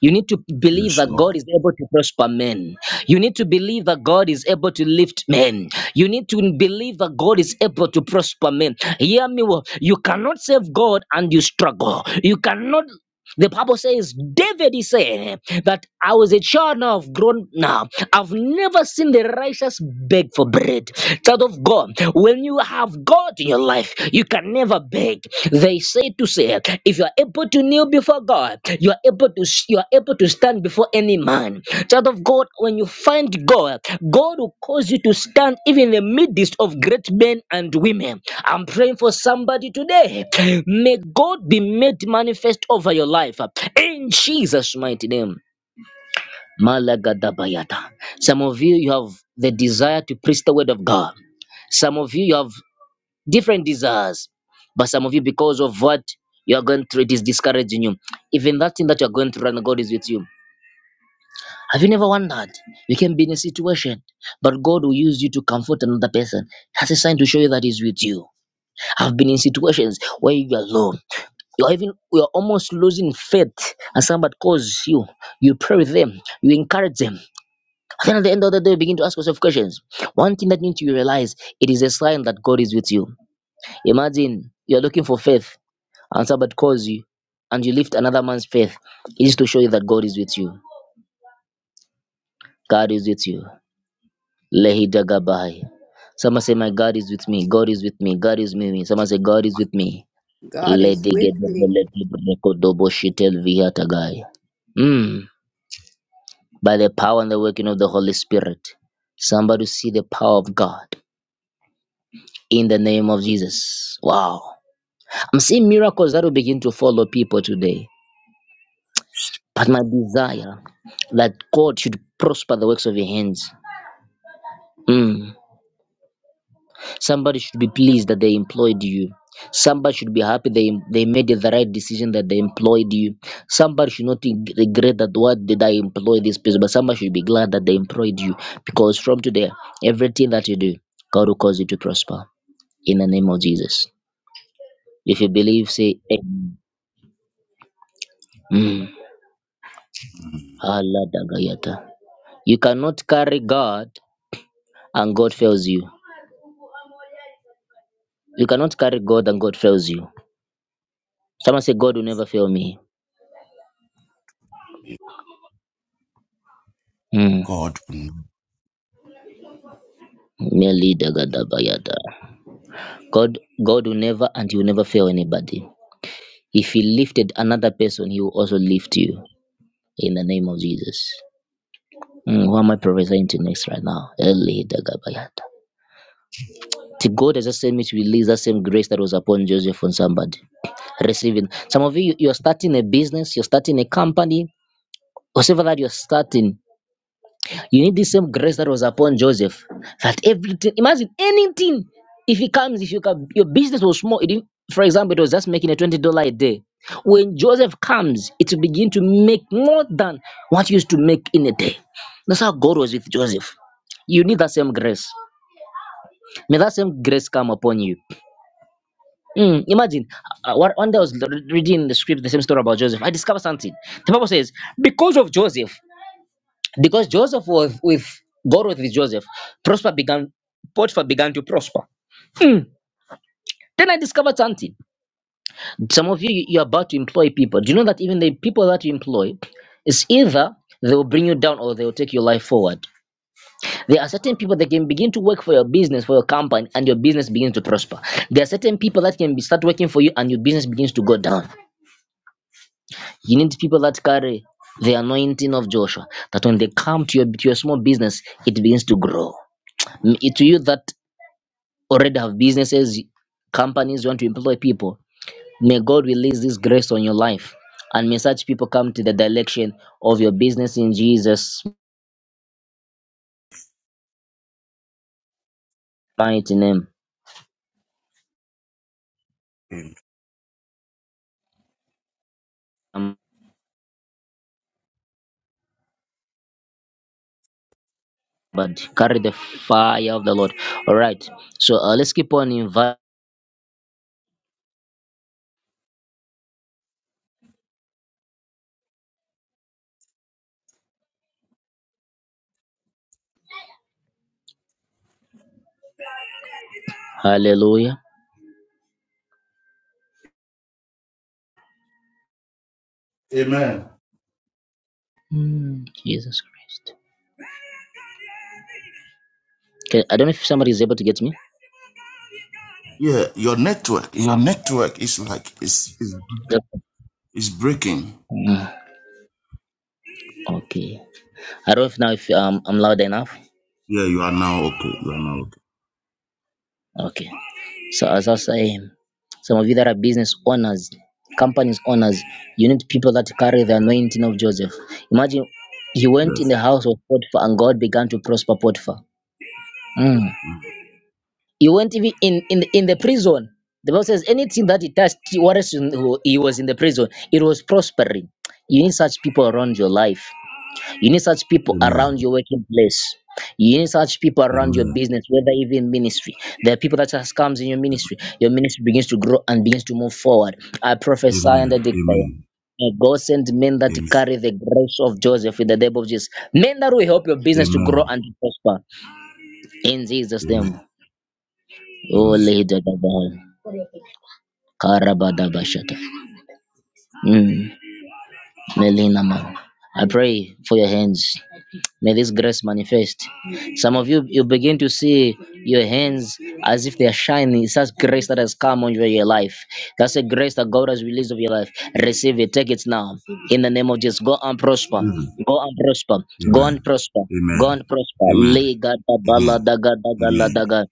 You need to believe Yes, that Lord. God is able to prosper men. You need to believe that God is able to lift men. You need to believe that God is able to prosper men. Hear me well. You cannot serve God and you struggle. You cannot. The Bible says, David is saying that I was a child now, I've grown now. I've never seen the righteous beg for bread. Child of God, when you have God in your life, you can never beg. They say to say, if you are able to kneel before God, you are able to to s- you are able to stand before any man child of god when you find god god will cause you to stand even in the midst of great men and women i'm praying for somebody today may god be made manifest over your life in jesus mighty name Malagadabayata. Some of you, you have the desire to preach the word of God. Some of you, you have different desires. But some of you, because of what you are going through, it is discouraging you. Even that thing that you are going through, and God is with you. Have you never wondered? You can be in a situation, but God will use you to comfort another person. That's a sign to show you that He's with you. I've been in situations where you're alone. You're even you're almost losing faith, and somebody calls you. You pray with them. You encourage them. And then at the end of the day, you begin to ask yourself questions. One thing that you need to realize it is a sign that God is with you. Imagine you're looking for faith, and somebody calls you, and you lift another man's faith. It is to show you that God is with you. God is with you. Lehidagabai. Someone say, My God is with me. God is with me. God is with me. Someone say, God is with me. God is with me. Ledigedobolegidobokodoboshetelvihatagai. Mm. By the power and the working of the Holy Spirit, somebody see the power of God in the name of Jesus. Wow. I'm seeing miracles that will begin to follow people today. But my desire that God should prosper the works of your hands. Mm. Somebody should be pleased that they employed you. Somebody should be happy they, they made the right decision that they employed you. Somebody should not ig- regret that what did I employ this person, but somebody should be glad that they employed you because from today, everything that you do, God will cause you to prosper in the name of Jesus. If you believe, say, Amen. Mm. Mm. Allah Dagayata. You cannot carry God and God fails you. You cannot carry God and God fails you. Someone say, God will never fail me. Mm. God. mm. Meli Dagadabayada. God God will never and he will never fail anybody. If he lifted another person, he will also lift you in the name of Jesus. Mm, who am I prophesying to next right now? Eli Dagabayada. To God has the same to release that same grace that was upon Joseph on somebody. Receiving some of you, you are starting a business, you're starting a company, whatever that you're starting, You need the same grace that was upon Joseph. That everything, imagine anything, if he comes, if you come, your business was small. It didn't, for example, it was just making a twenty dollar a day. When Joseph comes, it will begin to make more than what you used to make in a day. That's how God was with Joseph. You need that same grace. May that same grace come upon you. Mm, imagine, uh, one one day I was reading the script, the same story about Joseph. I discovered something. The Bible says, because of Joseph. because Joseph was with God was with Joseph. Prosper began Potiphar began to prosper. Mm. Then I discovered something. Some of you you- you're about to employ people. Do you know that even the people that you employ is either they will bring you down or they will take your life forward. There are certain people that can begin to work for your business, for your company, and your business begins to prosper. There are certain people that can be start working for you and your business begins to go down. You need people that carry the anointing of Joshua, that when they come to your, to your small business, it begins to grow. Mm, It's you that already have businesses, companies, you want to employ people. May God release this grace on your life. And may such people come to the direction of your business in Jesus' mighty name. Amen. Um, But carry the fire of the Lord. All right. So uh, let's keep on inviting. Hallelujah. Amen. Mm, Jesus Christ. Okay. I don't know if somebody is able to get me. Yeah, your network, your network is like is is Yep. is breaking. Mm, okay. I don't know if now if um, I'm loud enough. Yeah, you are now okay. You are now okay. Okay. So as I say, some of you that are business owners, companies owners, you need people that carry the anointing of Joseph. Imagine he went in Yes. the house of Potiphar and God began to prosper Potiphar. Mm. Mm. He went even in, in, in the prison. The Bible says anything that he touched, what else he was in the prison, it was prospering. You need such people around your life. You need such people Amen. around your working place. You need such people around your Amen. business, whether even ministry. There are people that just comes in your Amen. ministry. Your ministry begins to grow and begins to move forward. I prophesy Amen. and I Amen. declare. May God send men that Amen. carry the grace of Joseph in the name of Jesus. Men that will help your business to Amen. grow and to prosper. In Jesus' Amen. name. Oh, Amen. Lady of Lord. Karabadabashata. Mm. Melina, man. I pray for your hands. May this grace manifest. Some of you, you begin to see your hands as if they are shining. It's such grace that has come on your your life. That's a grace that God has released of your life. Receive it. Take it now. In the name of Jesus. Go and prosper. Amen. Go and prosper. Go Amen. and prosper. Go and prosper. Lay God, the Amen. Amen. Bala, Daga, Daga, La, Amen. Daga.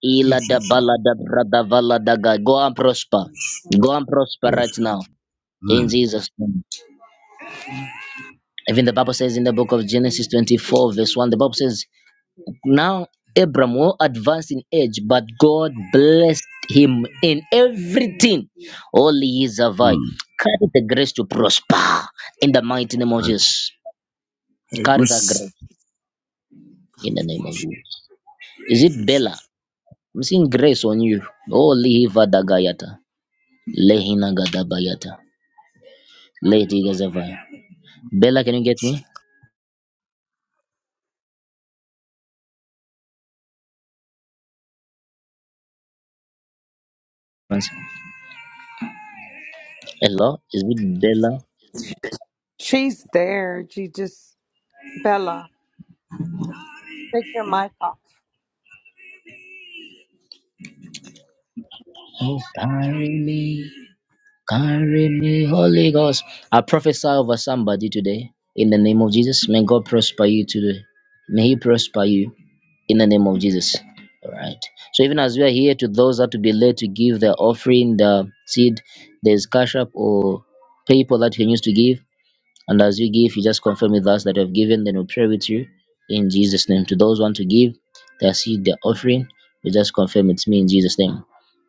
Ila da Jesus. bala da brada vala da Go and prosper. Go and prosper Yes. right now. In Amen. Jesus' name. Amen. Even the Bible says in the book of Genesis 24, verse 1, the Bible says, now Abram was advanced in age, but God blessed him in everything. All his survived. Mm. Carry the grace to prosper in the mighty name of I Jesus. I Carry that receive grace in the name of it. Jesus. Is it Bella? Jesus. I'm seeing grace on you. Oh, Lihiva Dagayata. Lehina Gadabayata. Lady Gazavaya. Bella, can you get me? Hello? Is it Bella? She's there. She just Bella, take your mic off. Oh, carry me. Carry me, Holy Ghost. I prophesy over somebody today in the name of Jesus. May God prosper you today. May He prosper you in the name of Jesus. All right. So even as we are here, to those that will be led to give their offering, the seed, there's cash up or PayPal that you can use to give. And as you give, you just confirm with us that you have given. Then we pray with you in Jesus' name. To those who want to give their seed, their offering, you just confirm it's me in Jesus' name.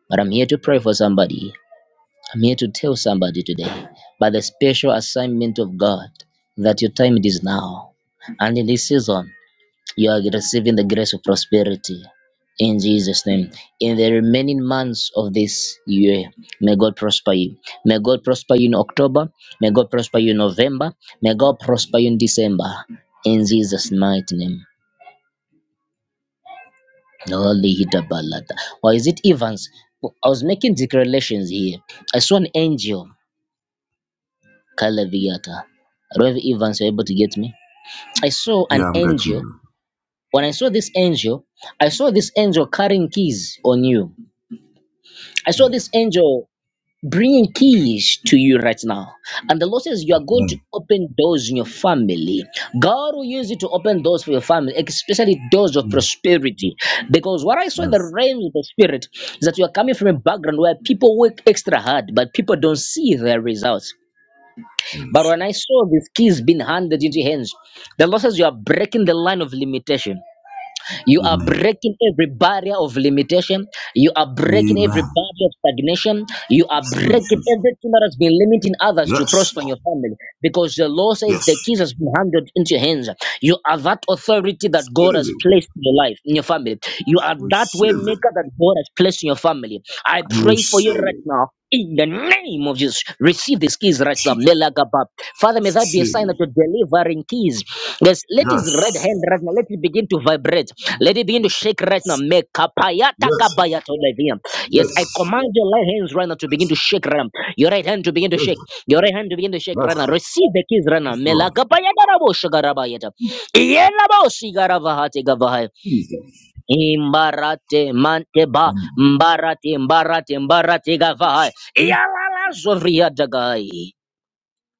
But I'm here to pray for somebody. I'm here to tell somebody today, by the special assignment of God, that your time it is now. And in this season, you are receiving the grace of prosperity in Jesus' name. In the remaining months of this year, may God prosper you. May God prosper you in October. May God prosper you in November. May God prosper you in December. In Jesus' mighty name. Holy Hida Balada. Or is it Evans? I was making declarations here. I saw an angel Kalaviata. I don't know if Evans you're able to get me. I saw Yeah, an I'm getting angel. you. When I saw this angel, I saw this angel carrying keys on you. I saw Mm. this angel bringing keys to you right now. And the Lord says you are going to Amen. open doors in your family. God will use you to open doors for your family, especially doors of Mm. prosperity. Because what I saw in the Yes. realm of the spirit is that you are coming from a background where people work extra hard, but people don't see their results. But Yes. when I saw these keys being handed into your hands, the Lord says you are breaking the line of limitation. You are Amen. breaking every barrier of limitation. You are breaking every Amen. barrier of stagnation. You are breaking Jesus. everything that has been limiting others to Yes. prosper in Lord. your family. Because the Lord says the Yes. keys has been handed into your hands. You are that authority that Receive God has it. placed in your life, in your family. You are that Receive way it. maker that God has placed in your family. I I pray for you receive right it. now in the name of Jesus, receive these keys right now. Jesus. Melagaba. Father, may that be a sign Receive it. that you're delivering keys. Yes, let his red Yes. hand right now, let it begin to vibrate. Let it begin to shake right now. Mekapayata Yes. gabayata olevia. Yes. Yes. Yes, I command your right hands right now to begin to shake right now. Your right hand to begin to Yes. shake. Your right hand to begin to shake Yes, right now. Receive the keys right now. Yes. Lord. Melagabayata rabo shagarabayata. Iyenabo sigaravahate gavahaya. Jesus. Imbarate manteba Amen. mbarati mbarati mbarati gavai Iyalala zovria dagai.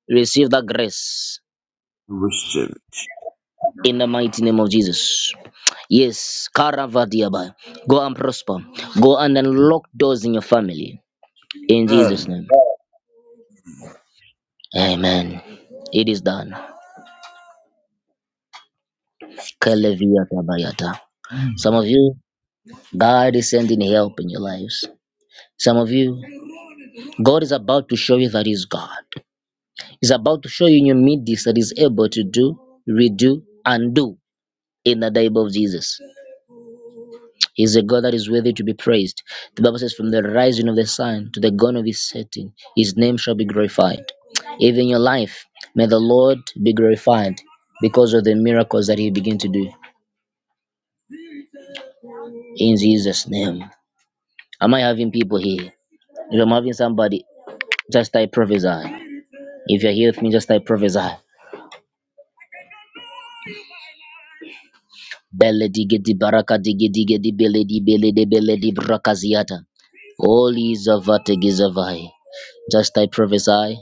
Receive the grace Receive it. in the mighty name of Jesus. Yes, Karavadiaba. Go and prosper. Go and unlock doors in your family. In Jesus' Amen. name. Amen. It is done. Kaleviata bayata. Mm. Some of you, God is sending help in your lives. Some of you, God is about to show you that He's God. is about to show you in your midst that is able to do, redo, and do in the name of Jesus. He's a God that is worthy to be praised. The Bible says, From the rising of the sun to the going of his setting, his name shall be glorified. Even in your life, may the Lord be glorified because of the miracles that he began to do in Jesus' name. Am I having people here? If I'm having somebody, just type prophesy. If you're here with me, just type prophesy. Bele digi di baraka digi digi di bele di digedi beledi beledi beledi brakaziata. Holy Zavate Gizavai. Just I prophesy.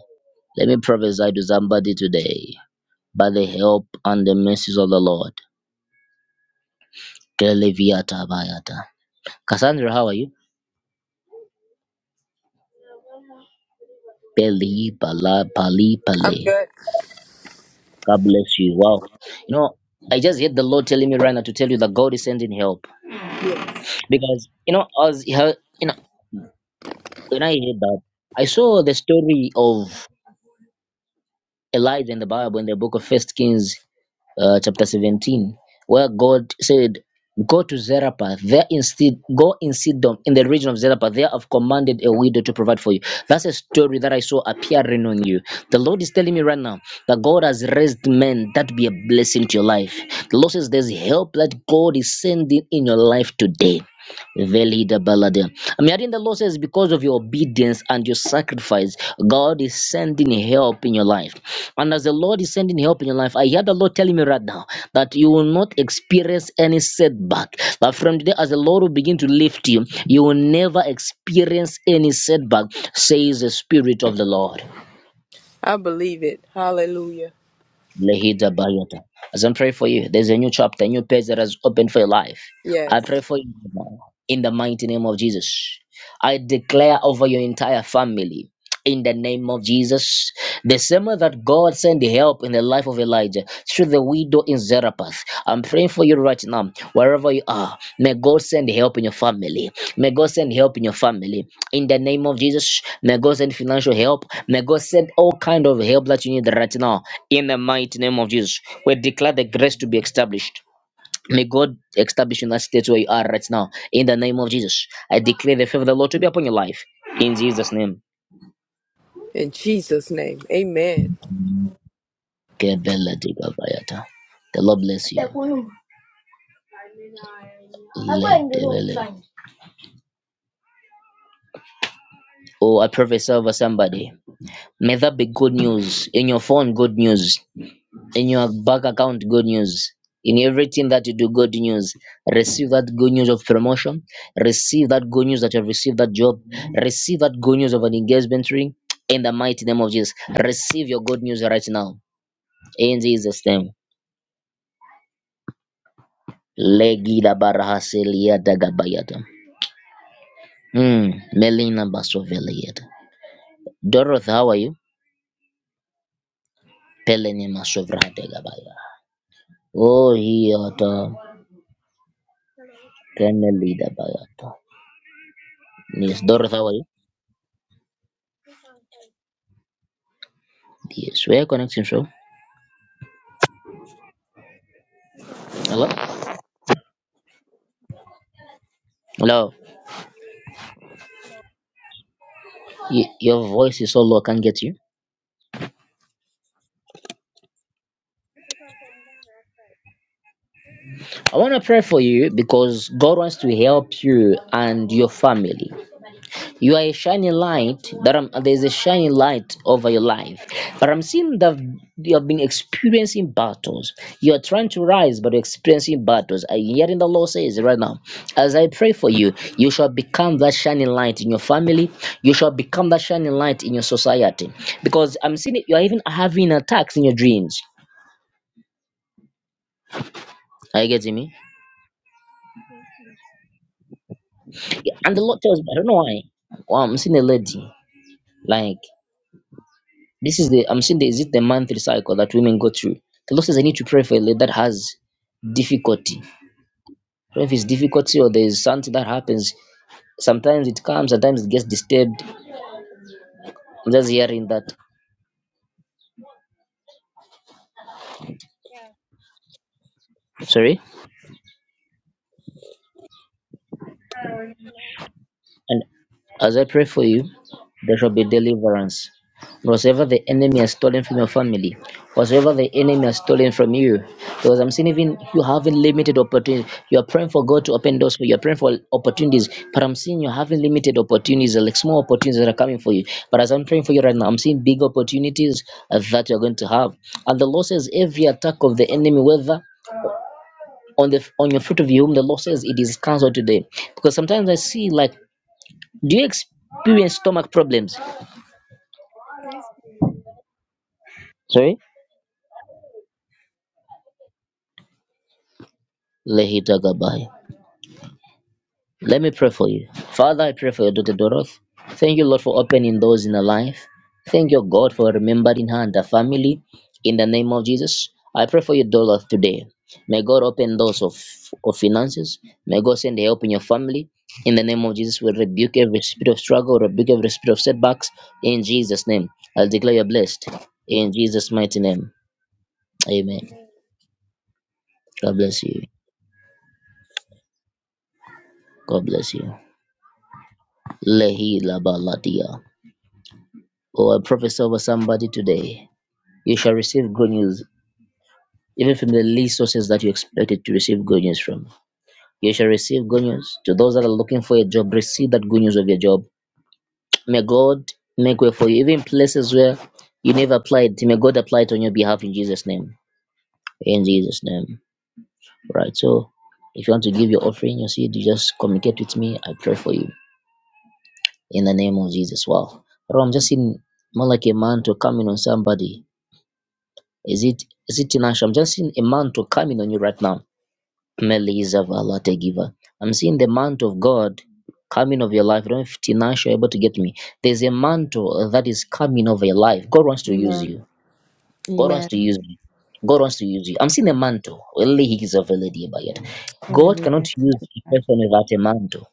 Let me prophesy to somebody today. By the help and the mercies of the Lord. Keleviata Bayata. Cassandra, how are you? Peli Pala Pali I'm Pale. good. God bless you. Wow. You know, I just heard the Lord telling me right now to tell you that God is sending help. Yes. Because you know, as you know, when I heard that, I saw the story of Elijah in the Bible in the book of First Kings, uh, chapter 17, where God said, Go to Zarephath, there instead go in Sidon, in the region of Zarephath. There I've commanded a widow to provide for you. That's a story that I saw appearing on you. The Lord is telling me right now that God has raised men that be a blessing to your life. The Lord says there's help that God is sending in your life today. Velida balada. I'm hearing the Lord says, because of your obedience and your sacrifice, God is sending help in your life. And as the Lord is sending help in your life, I hear the Lord telling me right now that you will not experience any setback. That from today, as the Lord will begin to lift you, you will never experience any setback, says the Spirit of the Lord. I believe it. Hallelujah. Lehida Bayata. As I'm praying for you, there's a new chapter, a new page that has opened for your life. I Yes. pray for you now in the mighty name of Jesus. I declare over your entire family. In the name of Jesus, the same way that God sent help in the life of Elijah through the widow in Zarephath, I'm praying for you right now, wherever you are. May God send help in your family. May God send help in your family. In the name of Jesus, may God send financial help. May God send all kind of help that you need right now in the mighty name of Jesus, we declare the grace to be established. May God establish you in that state where you are right now. In the name of Jesus, I declare the favor of the Lord to be upon your life. In Jesus' name. In Jesus' name. Amen. The Lord bless you. Oh, I prophesy over somebody. May that be good news. In your phone, good news. in your bank account good news in everything that you do good news receive that good news of promotion receive that good news that you have received that job receive that good news of an engagement ring in the mighty name of jesus receive your good news right now in jesus name Legida barahaselia dagabayata. Hmm. Melina basoveliata. Doroth, how are you? Peleni masovrahadegabaya. Oh, hiata. Kenelida bayata. Yes, Doroth, how are you? Yes, where your connecting from? Hello? Hello. Y- your voice is so low, I can't get you. I want to pray for you because God wants to help you and your family. you are a shining light that i there's a shining light over your life but i'm seeing that you have been experiencing battles you are trying to rise but you're experiencing battles and yet in the lord says right now as i pray for you you shall become that shining light in your family you shall become that shining light in your society because i'm seeing it, you are even having attacks in your dreams are you getting me Yeah, and the lord tells me i don't know why well, i'm seeing a lady like This is the I'm saying. the is it the monthly cycle that women go through. The Lord says I need to pray for a lady that has difficulty. I don't know if it's difficulty or there's something that happens. Sometimes it comes, sometimes it gets disturbed. I'm just hearing that. Sorry? And as I pray for you, there shall be deliverance. Whatsoever the enemy has stolen from your family, whatsoever the enemy has stolen from you, because I'm seeing even you having limited opportunities. You are praying for God to open doors for you. You're praying for opportunities, but I'm seeing you're having limited opportunities, like small opportunities that are coming for you. But as I'm praying for you right now, I'm seeing big opportunities uh, that you're going to have. And the Lord says, every attack of the enemy, whether on the on your fruit of your womb, the Lord says it is cancelled today. Because sometimes I see like do you experience stomach problems? Thank you. Sorry? Lehitagabaya. Let me pray for you. Father, I pray for your daughter Doroth. Thank you, Lord, for opening doors in her life. Thank you, God, for remembering her and her family. In the name of Jesus, I pray for your daughter today. May God open doors of, of finances. May God send help in your family. In the name of Jesus, we rebuke every spirit of struggle, rebuke every spirit of setbacks. In Jesus' name, I'll declare you blessed. In Jesus' mighty name, amen. Amen. God bless you. God bless you. Lehi Labaladia. Oh, I prophesy over somebody today. You shall receive good news, even from the least sources that you expected to receive good news from. You shall receive good news. To those that are looking for a job, receive that good news of your job. May God make way for you, even places where you never applied. May God apply it on your behalf in Jesus' name. In Jesus' name. Right. So, if you want to give your offering, your seed, you just communicate with me. I pray for you. in the name of Jesus. Wow. Bro, I'm just seeing more like a man to come in on somebody. Is it is it Tinashe? I'm just seeing a man to come in on you right now. Melissa Valate giver. I'm seeing the mantle of God coming over your life. I don't know if Tinashe are able to get me. There's a mantle that is coming over your life. God wants to use Amen. you. God wants to Amen. use you. God wants to use you. I'm seeing a mantle. Only he is a lady by it. God cannot Hallelujah. use Thank you, a God. person without a mantle.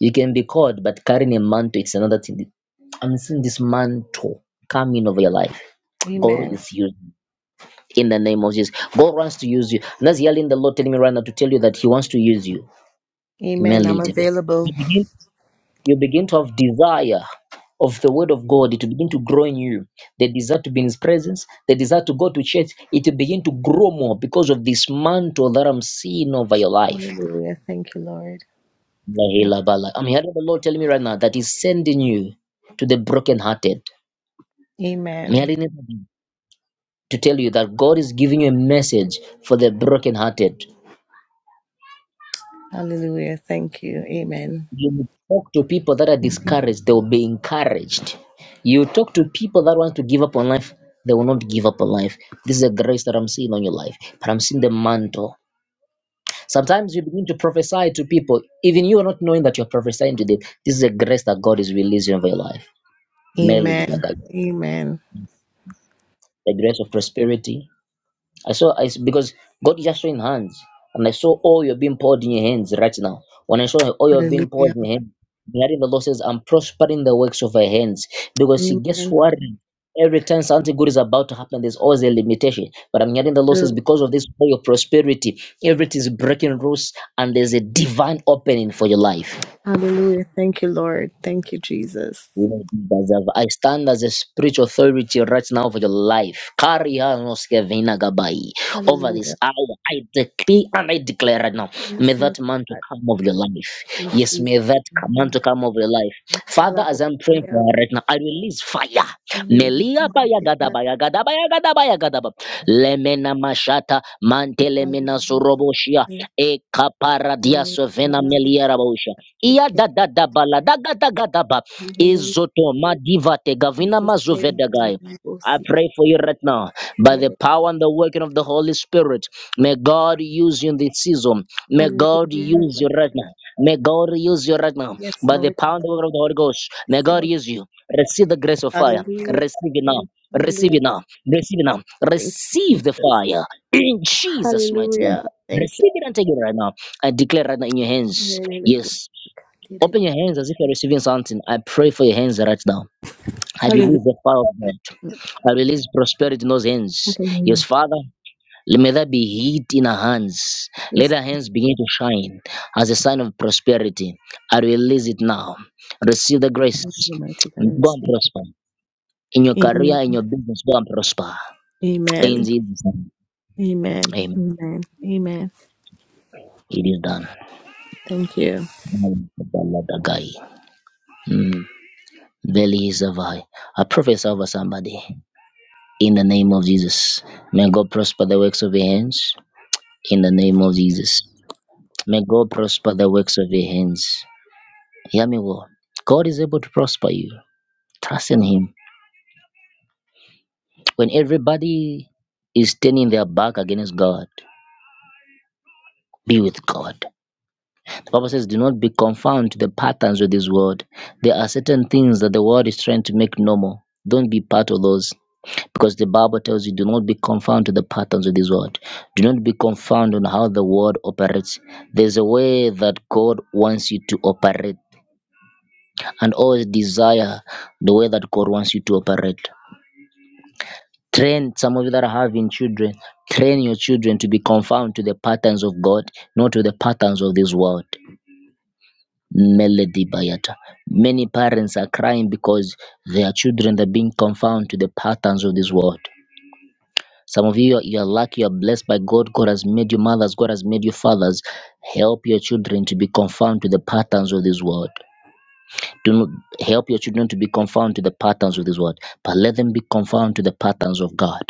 You can be called, but carrying a mantle is another thing. I'm seeing this mantle coming over your life. God Amen. is using you in the name of Jesus. God wants to use you. And that's yelling the Lord telling me right now to tell you that He wants to use you. Amen. Merely I'm Debe. available. You begin to have desire of the word of God. It will begin to grow in you. The desire to be in His presence, the desire to go to church, it will begin to grow more because of this mantle that I'm seeing over your life. Hallelujah. Thank you, Lord. Thank Lahila Bala. I'm hearing the Lord telling me right now that He's sending you to the brokenhearted. Amen. merely need to tell you that God is giving you a message for the brokenhearted. Hallelujah. Thank you. Amen. You talk to people that are discouraged, they will be encouraged. You talk to people that want to give up on life, they will not give up on life. This is a grace that I'm seeing on your life, but I'm seeing the mantle. Sometimes you begin to prophesy to people, even you are not knowing that you're prophesying to them. This is a grace that God is releasing over your life. Nelly, Amen. the, Amen. the grace of prosperity, I saw I s- because God is just showing hands, and I saw oil being poured in your hands right now. When I saw the oil being poured Hallelujah. in your hands, regarding the Lord says, I'm prospering the works of your hands. Because see, guess Amen. what? Every time something good is about to happen, there's always a limitation. But I'm hearing the Lord says, True. because of this oil of prosperity, everything is breaking rules, and there's a divine opening for your life. Hallelujah. Thank you, Lord. Thank you, Jesus. You know, Jesus, I I stand as a spiritual authority right now over your life. carry Karia noskevina gabai. Over this Hallelujah. hour, I decree and I declare right now, may Praise my that man to God come over your life. in Yes, Jesus' may that man name. to come over your life. I call Father, up as I'm I praying am. for her right now, I release fire. Hallelujah. Melia baya Mighty gada God. baya gada baya gada baya gada ba. Lemena mashata mantelemena suroboshia. Hallelujah. E kapara dia Hallelujah. sovena melia Hallelujah. raboshia. Ia da da da bala da gada gada ba. Hallelujah. Izoto Madivate Gavina Jesus' name. Mazuvedagai. Hallelujah. Oh, I seek pray for you right now and by hear the it. power and the working of the Holy Spirit. May God use you in this season. May God Hallelujah. use My you right God. now. May God use you right now Yes, by the Lord power God. and the working of the Holy Ghost. Yes, May God Lord. use you. Receive the grace of fire. Hallelujah. Receive it Thank now. you. Receive Hallelujah. it now. Receive it now. Thank Receive you, the Jesus. fire in Jesus' mighty name. Hallelujah. Thank you. Receive it and take it right now. I declare right now in your hands. Hallelujah. Oh, Yes. seek and hear Open your hands as if you're it. receiving something. I pray for your hands right now. I release Hallelujah. the power of God. I release prosperity in those hands. Yes, Hallelujah. Father, may there be heat in our hands. Let Yes, our hands begin to shine as a sign of prosperity. I release it now. Receive the grace. Lord Almighty God, I Go and receive. prosper. In your career, Amen. in your business, go and prosper. In Amen. Jesus' name. Amen. Amen. Amen. Amen. It is done. Thank you. Mm. Veli is a I prophesy over somebody. in the name of Jesus. May God prosper the works of your hands in the name of Jesus. May God prosper the works of your hands. Hear me well. God is able to prosper you. Trust in Him. When everybody is turning their back against God, be with God. The Bible says, Do not be confounded to the patterns of this world. There are certain things that the world is trying to make normal. Don't be part of those. Because the Bible tells you, do not be confounded to the patterns of this world. Do not be confounded on how the world operates. There's a way that God wants you to operate, and always desire the way that God wants you to operate. Train some of you that are having children, train your children to be confounded to the patterns of God, not to the patterns of this world. Melody Bayata. Many parents are crying because their children are being confounded to the patterns of this world. Some of you, you are lucky, you are blessed by God. God has made you mothers, God has made you fathers. Help your children to be conformed to the patterns of this world. Do not help your children to be conformed to the patterns of this world, but let them be conformed to the patterns of God.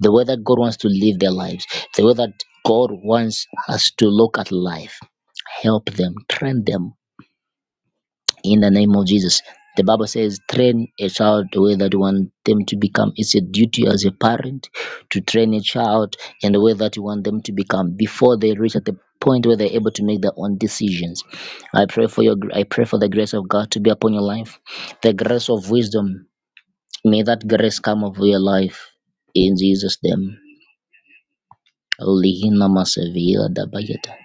The way that God wants to live their lives, the way that God wants us to look at life. Help them, train them in the name of Jesus. The Bible says, train a child the way that you want them to become. It's a duty as a parent to train a child in the way that you want them to become before they reach at the point where they're able to make their own decisions. I pray for your I pray for the grace of God to be upon your life, the grace of wisdom. May that grace come over your life in Jesus' name. Lihina masavira dabayeta.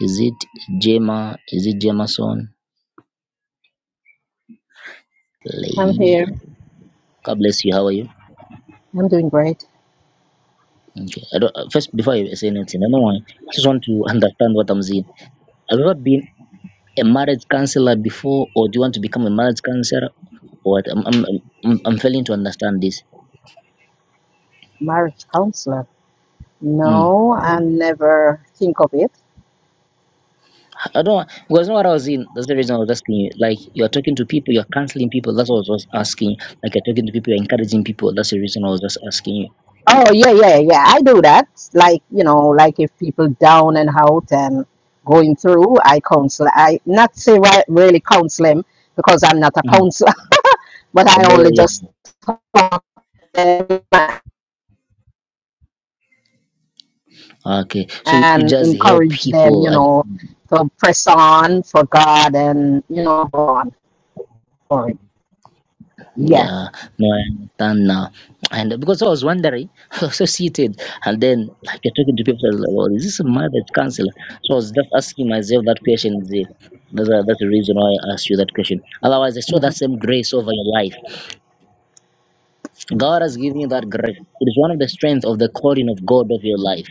Is it Jema? Is it Jemason? I'm Lehina. here. God bless you. How are you? I'm doing great. Okay. I don't, uh, first, before I say anything, I don't want, I just want to (laughs) understand what I'm saying. Have you ever been a marriage counselor before, or do you want to become a marriage counselor? What? I'm, I'm, I'm, I'm I'm failing to understand this. Marriage counselor. Mm. No, I never think of it. I don't because know what I was in. That's the reason I was asking you. Like you're talking to people, you're counseling people. That's what I was asking. Like you're talking to people, you're encouraging people. That's the reason I was just asking Oh yeah, yeah, yeah. I do that. Like you know, like if people down and out and going through, I counsel. I not say right, really counsel them because I'm not a you. Mhm. counselor, (laughs) but I Oh only just talk to them yeah. Okay. So you, you and just help encourage them. You people. know, to press on for God and you know go on for it. Yeah. Yeah, no, I understand now. And because I was wondering, (laughs) I was so seated, and then like you're talking to people, I was like, well, is this a mother that's counselor? So I was just asking myself that question. Zee. That's, the- that's the reason why I asked you that question. Otherwise, I saw that same grace over your life. God has given you that grace. It is one of the strengths of the calling of God of your life.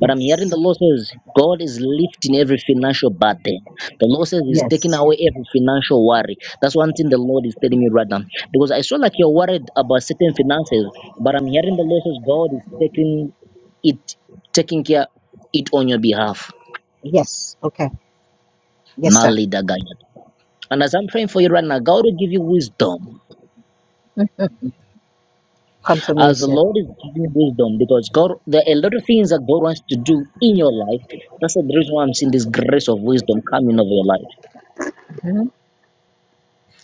But I'm hearing the law says God is lifting every financial burden. The law says He's taking Yes. away every financial worry. That's one thing the Lord is telling me right now. Because I saw like you're worried about certain finances, but I'm hearing the law says God is taking it, taking care it on your behalf. Yes. Okay. Yes, sir. Mali Dagaya. And as I'm praying for you right now, God will give you wisdom. As the confirmation. Lord is giving you wisdom, because God, there are a lot of things that God wants to do in your life. That's the reason why I'm seeing this grace of wisdom coming over your life. Mhm.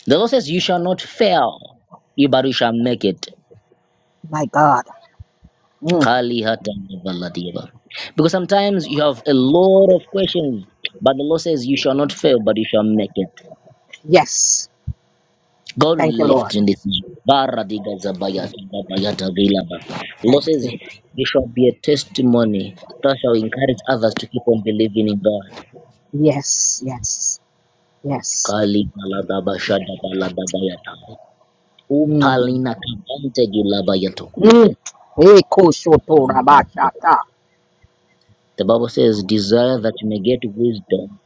The Lord says, You shall not fail, you- but you shall make it. My God. Mm. Kali hata mabaladiba. Because sometimes you have a lot of questions, but the Lord says, You shall not fail, but you shall make it. Yes. God will Thank you, Lord. lift in this name. Baradiga zabaya, zabaya tagilaba. The Lord Thank says, you. You shall be a testimony that shall encourage others to keep on believing in God. Yes, yes, yes. Kali baladaba shadabaladabayata. Mm. Upalina kapante gilabayato. Mm. Eko shoto rabashata. The Bible says, Desire that you may get wisdom.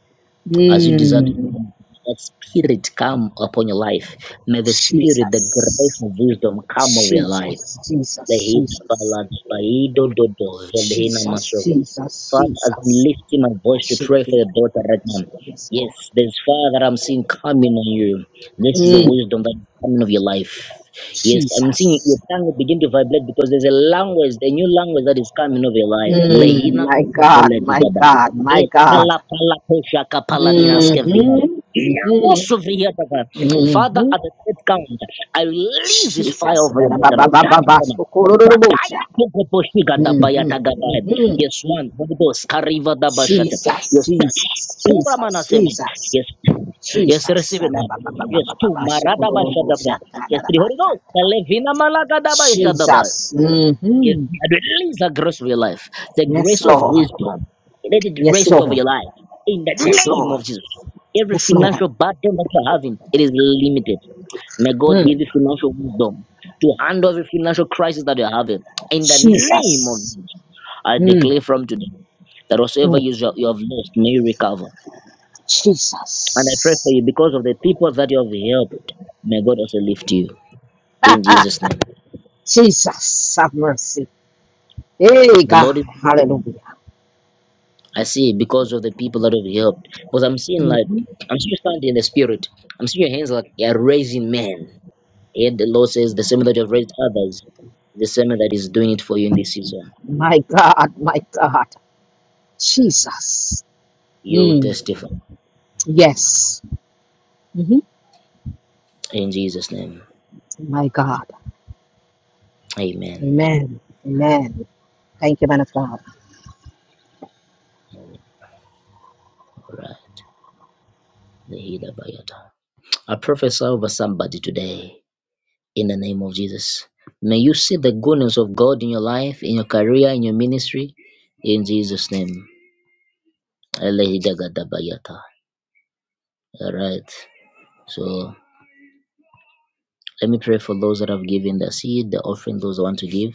As you desire to get Mm. wisdom, let spirit come upon your life. May the spirit, the grace Jesus. of wisdom come over your life. Jesus, The Jesus, hid Jesus. balance by Jesus, dodo Jesus, Father, i am Jesus. lifting my I voice to pray shake for it. your daughter right I now. shake it, Yes, Yes, Lord. there's fire that I'm seeing coming on you. This is the Mm. wisdom that is coming of your life. Yes, I'm seeing your Jesus. tongue begin to vibrate because there's a language, a new language that is coming of your life. Mm. Lehina My God, masovele my dudaba. God, my God. Epala pala kosha kapala nina skevina. Mm-hmm. Inawo Mm-hmm. soveye daba. Father, Mm-hmm. at the third count, I release this fire Jesus. over your daughter. Die, Hannah. Tapaya Ba-ba-ba-ba-ba-ba-ba-ba-ba-ba-ba-ba-ba-ba. tokoposhiga Mhm, dabayata mhm. Yes, one. Holy Ghost. Kariva Dabashata. Jesus, Yes, Jesus, two Ramana Jesus, seven. Jesus, Yes. Yes, Jesus. receive it, Lord. Yes, two. Ba-da-ba-ba-ba-ba-ba-ba-ba. Marada Bashadaba. Shikodorobosha. Yes, three. Holy Da-da-da-ba-sha. Ghost. Kalevina Malaga Dabashadaba. Jesus. Yes, Mm-hmm. three. And release the grace of your life. The Yes, grace of Lord. wisdom. Let it Yes, rest over Lord. your life. In the Yes, name Lord. of Jesus. Every Yes, Lord. financial burden that you're having, it is limited. May God give Mm. you financial wisdom to handle every financial crisis that you're having. In the name of Jesus. Jesus. I Mm. declare from today that whatsoever Mm. you, you have lost may you recover. And I pray for Jesus. you because of the people that you have helped, may God also lift you in (laughs) Jesus' name. Jesus, have mercy. Hey, The Lord God. is Hallelujah. I see because of the people that have helped. Because I'm seeing like Mhm. I'm still standing in the spirit. I'm seeing your hands like you're raising men. And the Lord says the same that you have raised others, the same that is doing it for you in this season. My God, my God. Jesus. You will Mm. testify Yes. hmm in Jesus' name. My God. Amen. Amen. Amen. Thank you, man of God. All right. The healer by I prophesy over somebody today. in the name of Jesus. May you see the goodness of God in your life, in your career, in your ministry, in Jesus' name. Elehidagadabayata. All right. So let me pray for those that have given their seed, the offering, those that want to give.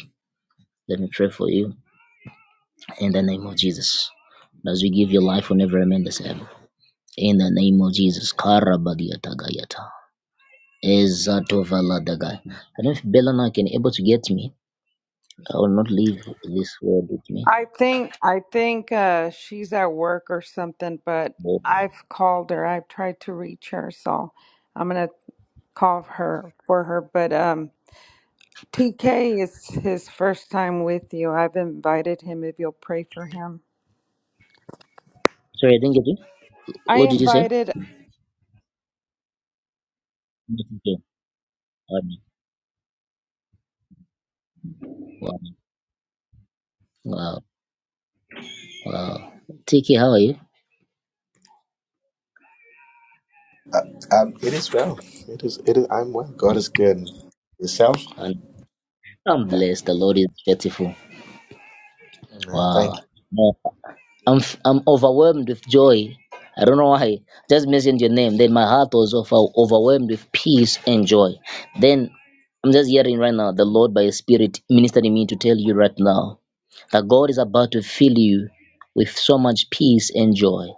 Let me pray for you in the name of Jesus. As we give your life, will never remain the same. In the name of Jesus. Karabadiatagayata. Ezatovaladagai. I don't know if Belana can able to get me. I will not leave this word with me. I think I think uh she's at work or something, but But I've called her. I've tried to reach her, so I'm gonna call her for her. But um TK is his first time with you. I've invited him if you'll pray for him. Sorry, I didn't get you. I What did you say? invited Yes, Okay. Um, Wow, wow, wow. TK, how are you? Um, it is well. It is. It is. I'm well. God is good. Yourself? And I'm blessed. The Lord is faithful. Amen. Thank Wow. you. No, I'm f- I'm overwhelmed with joy. I don't know why. Just mentioned your name. Then my heart was over- overwhelmed with peace and joy. Then I'm just hearing right now the Lord by His Spirit ministered in me to tell you right now that God is about to fill you with so much peace and joy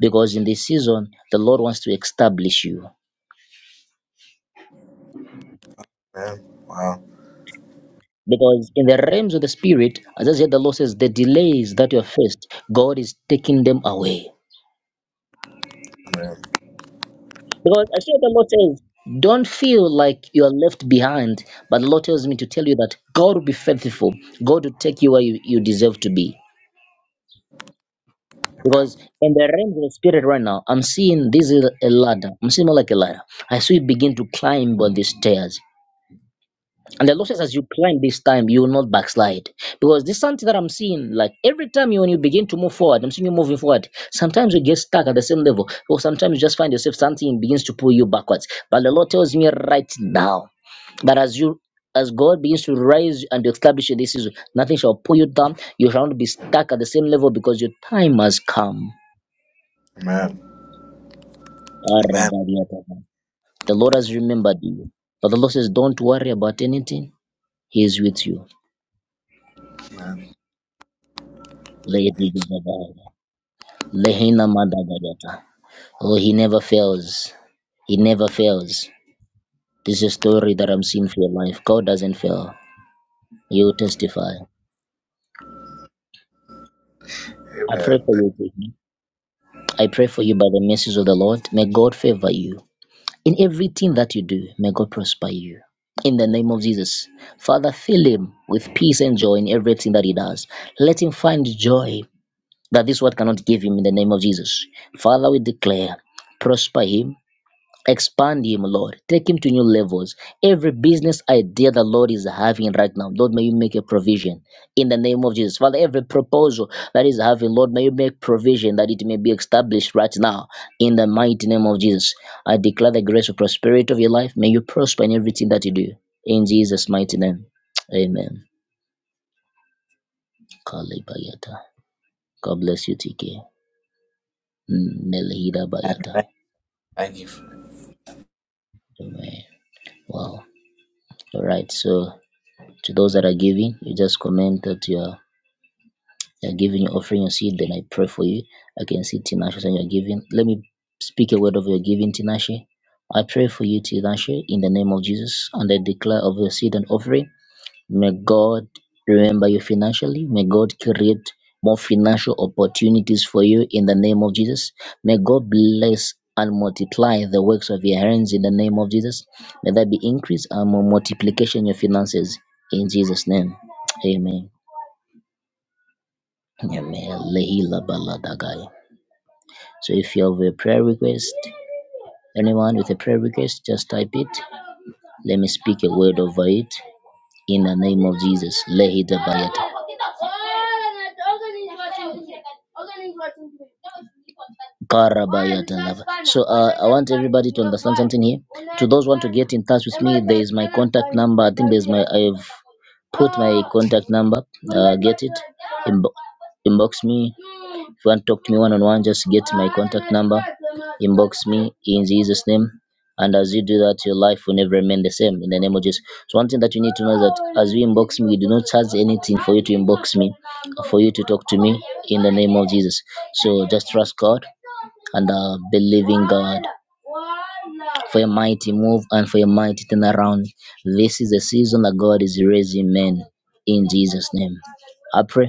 because in this season the Lord wants to establish you. Amen. Wow. Because in the realms of the spirit, as I said, the Lord says, the delays that you have faced, God is taking them away. Amen. Because I see what the Lord says, don't feel like you are left behind. But the Lord tells me to tell you that God will be faithful. God will take you where you, you deserve to be. Because Amen. in the realms of the spirit right now, I'm seeing this is a ladder. I'm seeing more like a ladder. I see you begin to climb on these stairs. And the Lord says, as you climb this time, you will not backslide. Because this is something that I'm seeing, like every time you when you begin to move forward, I'm seeing you moving forward. Sometimes you get stuck at the same level, or sometimes you just find yourself something begins to pull you backwards. But the Lord tells me right now that as you as God begins to rise and to establish you this season, nothing shall pull you down. You shall not be stuck at the same level because your time has come. Amen. Amen. The Lord has remembered you. But the Lord says, Don't worry about anything. He is with you. Amen. Lehina Madagayata. Oh, he never fails. He never fails. This is a story that I'm seeing for your life. God doesn't fail. You will testify. I pray Amen. for you. Tiffany. I pray for you by the mercies of the Lord. May God favor you. In everything that you do, may God prosper you. In the name of Jesus. Father, fill him with peace and joy in everything that he does. Let him find joy that this world cannot give him in the name of Jesus. Father, we declare, prosper him Expand him, Lord. Take him to new levels. Every business idea the Lord is having right now, Lord, may you make a provision in the name of Jesus. Father, every proposal that is having, Lord, may you make provision that it may be established right now in the mighty name of Jesus. I declare the grace of prosperity of your life. May you prosper in everything that you do. In Jesus' mighty name. Amen. Kalibayata. God bless you, TK. Mm, Melihida Bayata. Thank, thank you. Amen. Wow. All right. So. to those that are giving, you just comment that you are you're giving, you're offering your seed, then I pray for you. I can see Tinashe saying you're giving. Let me speak a word of your giving, Tinashe. I pray for you, Tinashe, in the name of Jesus, and I declare of your seed and offering May God remember you financially. May God create more financial opportunities for you in the name of Jesus. May God bless and multiply the works of your hands in the name of Jesus. May there be increase and more multiplication in your finances in Jesus' name. Amen. Amen. Lehila baladagaya. So if you have a prayer request, anyone with a prayer request, just type it. Let me speak a word over it in the name of Jesus. Lehida ba- Karabani. Get in touch I have contact number. Inbox me. If you want to talk to me one on one, just get me in Jesus' name. And as you do that, your life will never remain the same in the name of Jesus. So, one thing that you need to know of Jesus. So, just trust God and uh, believe for your mighty move and for your mighty turn around. This is the season that God is raising men in Jesus' name. I pray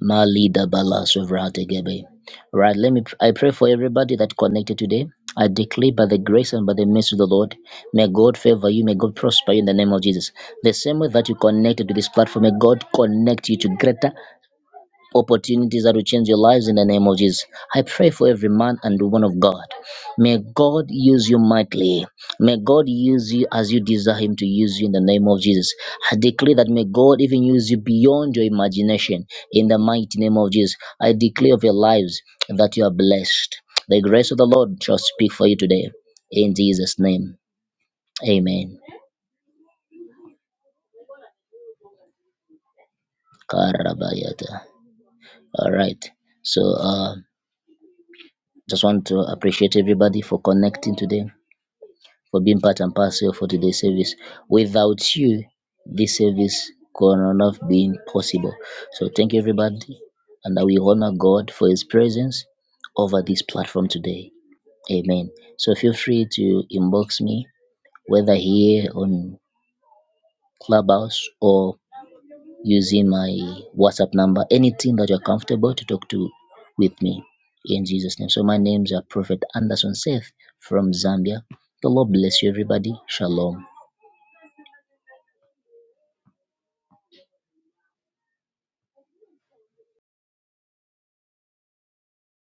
Malida Bala Suvrate Gebe. Right, let me I pray for everybody that connected today. I declare by the grace and by the mercy of the Lord, may God favor you, may God prosper you in the name of Jesus. The same way that you connected to this platform, may God connect you to greater opportunities that will change your lives in the name of Jesus. I pray for every man and woman of God. May God use you mightily. May God use you as you desire Him to use you in the name of Jesus. I declare that may God even use you beyond your imagination in the mighty name of Jesus. I declare of your lives that you are blessed. The grace of the Lord shall speak for you today. In Jesus' name. Amen. Karabayata. All right. So uh just want to appreciate everybody for connecting today. for being part and parcel for today's service. Without you, this service could not have been possible. So thank you, everybody, and that we honor God for His presence over this platform today. Amen. So feel free to inbox me, whether here on Clubhouse or using my WhatsApp number, anything that you're comfortable to talk to with me in Jesus' name. So my name's are Prophet Anderson Seth from Zambia. The Lord bless you, everybody. Shalom.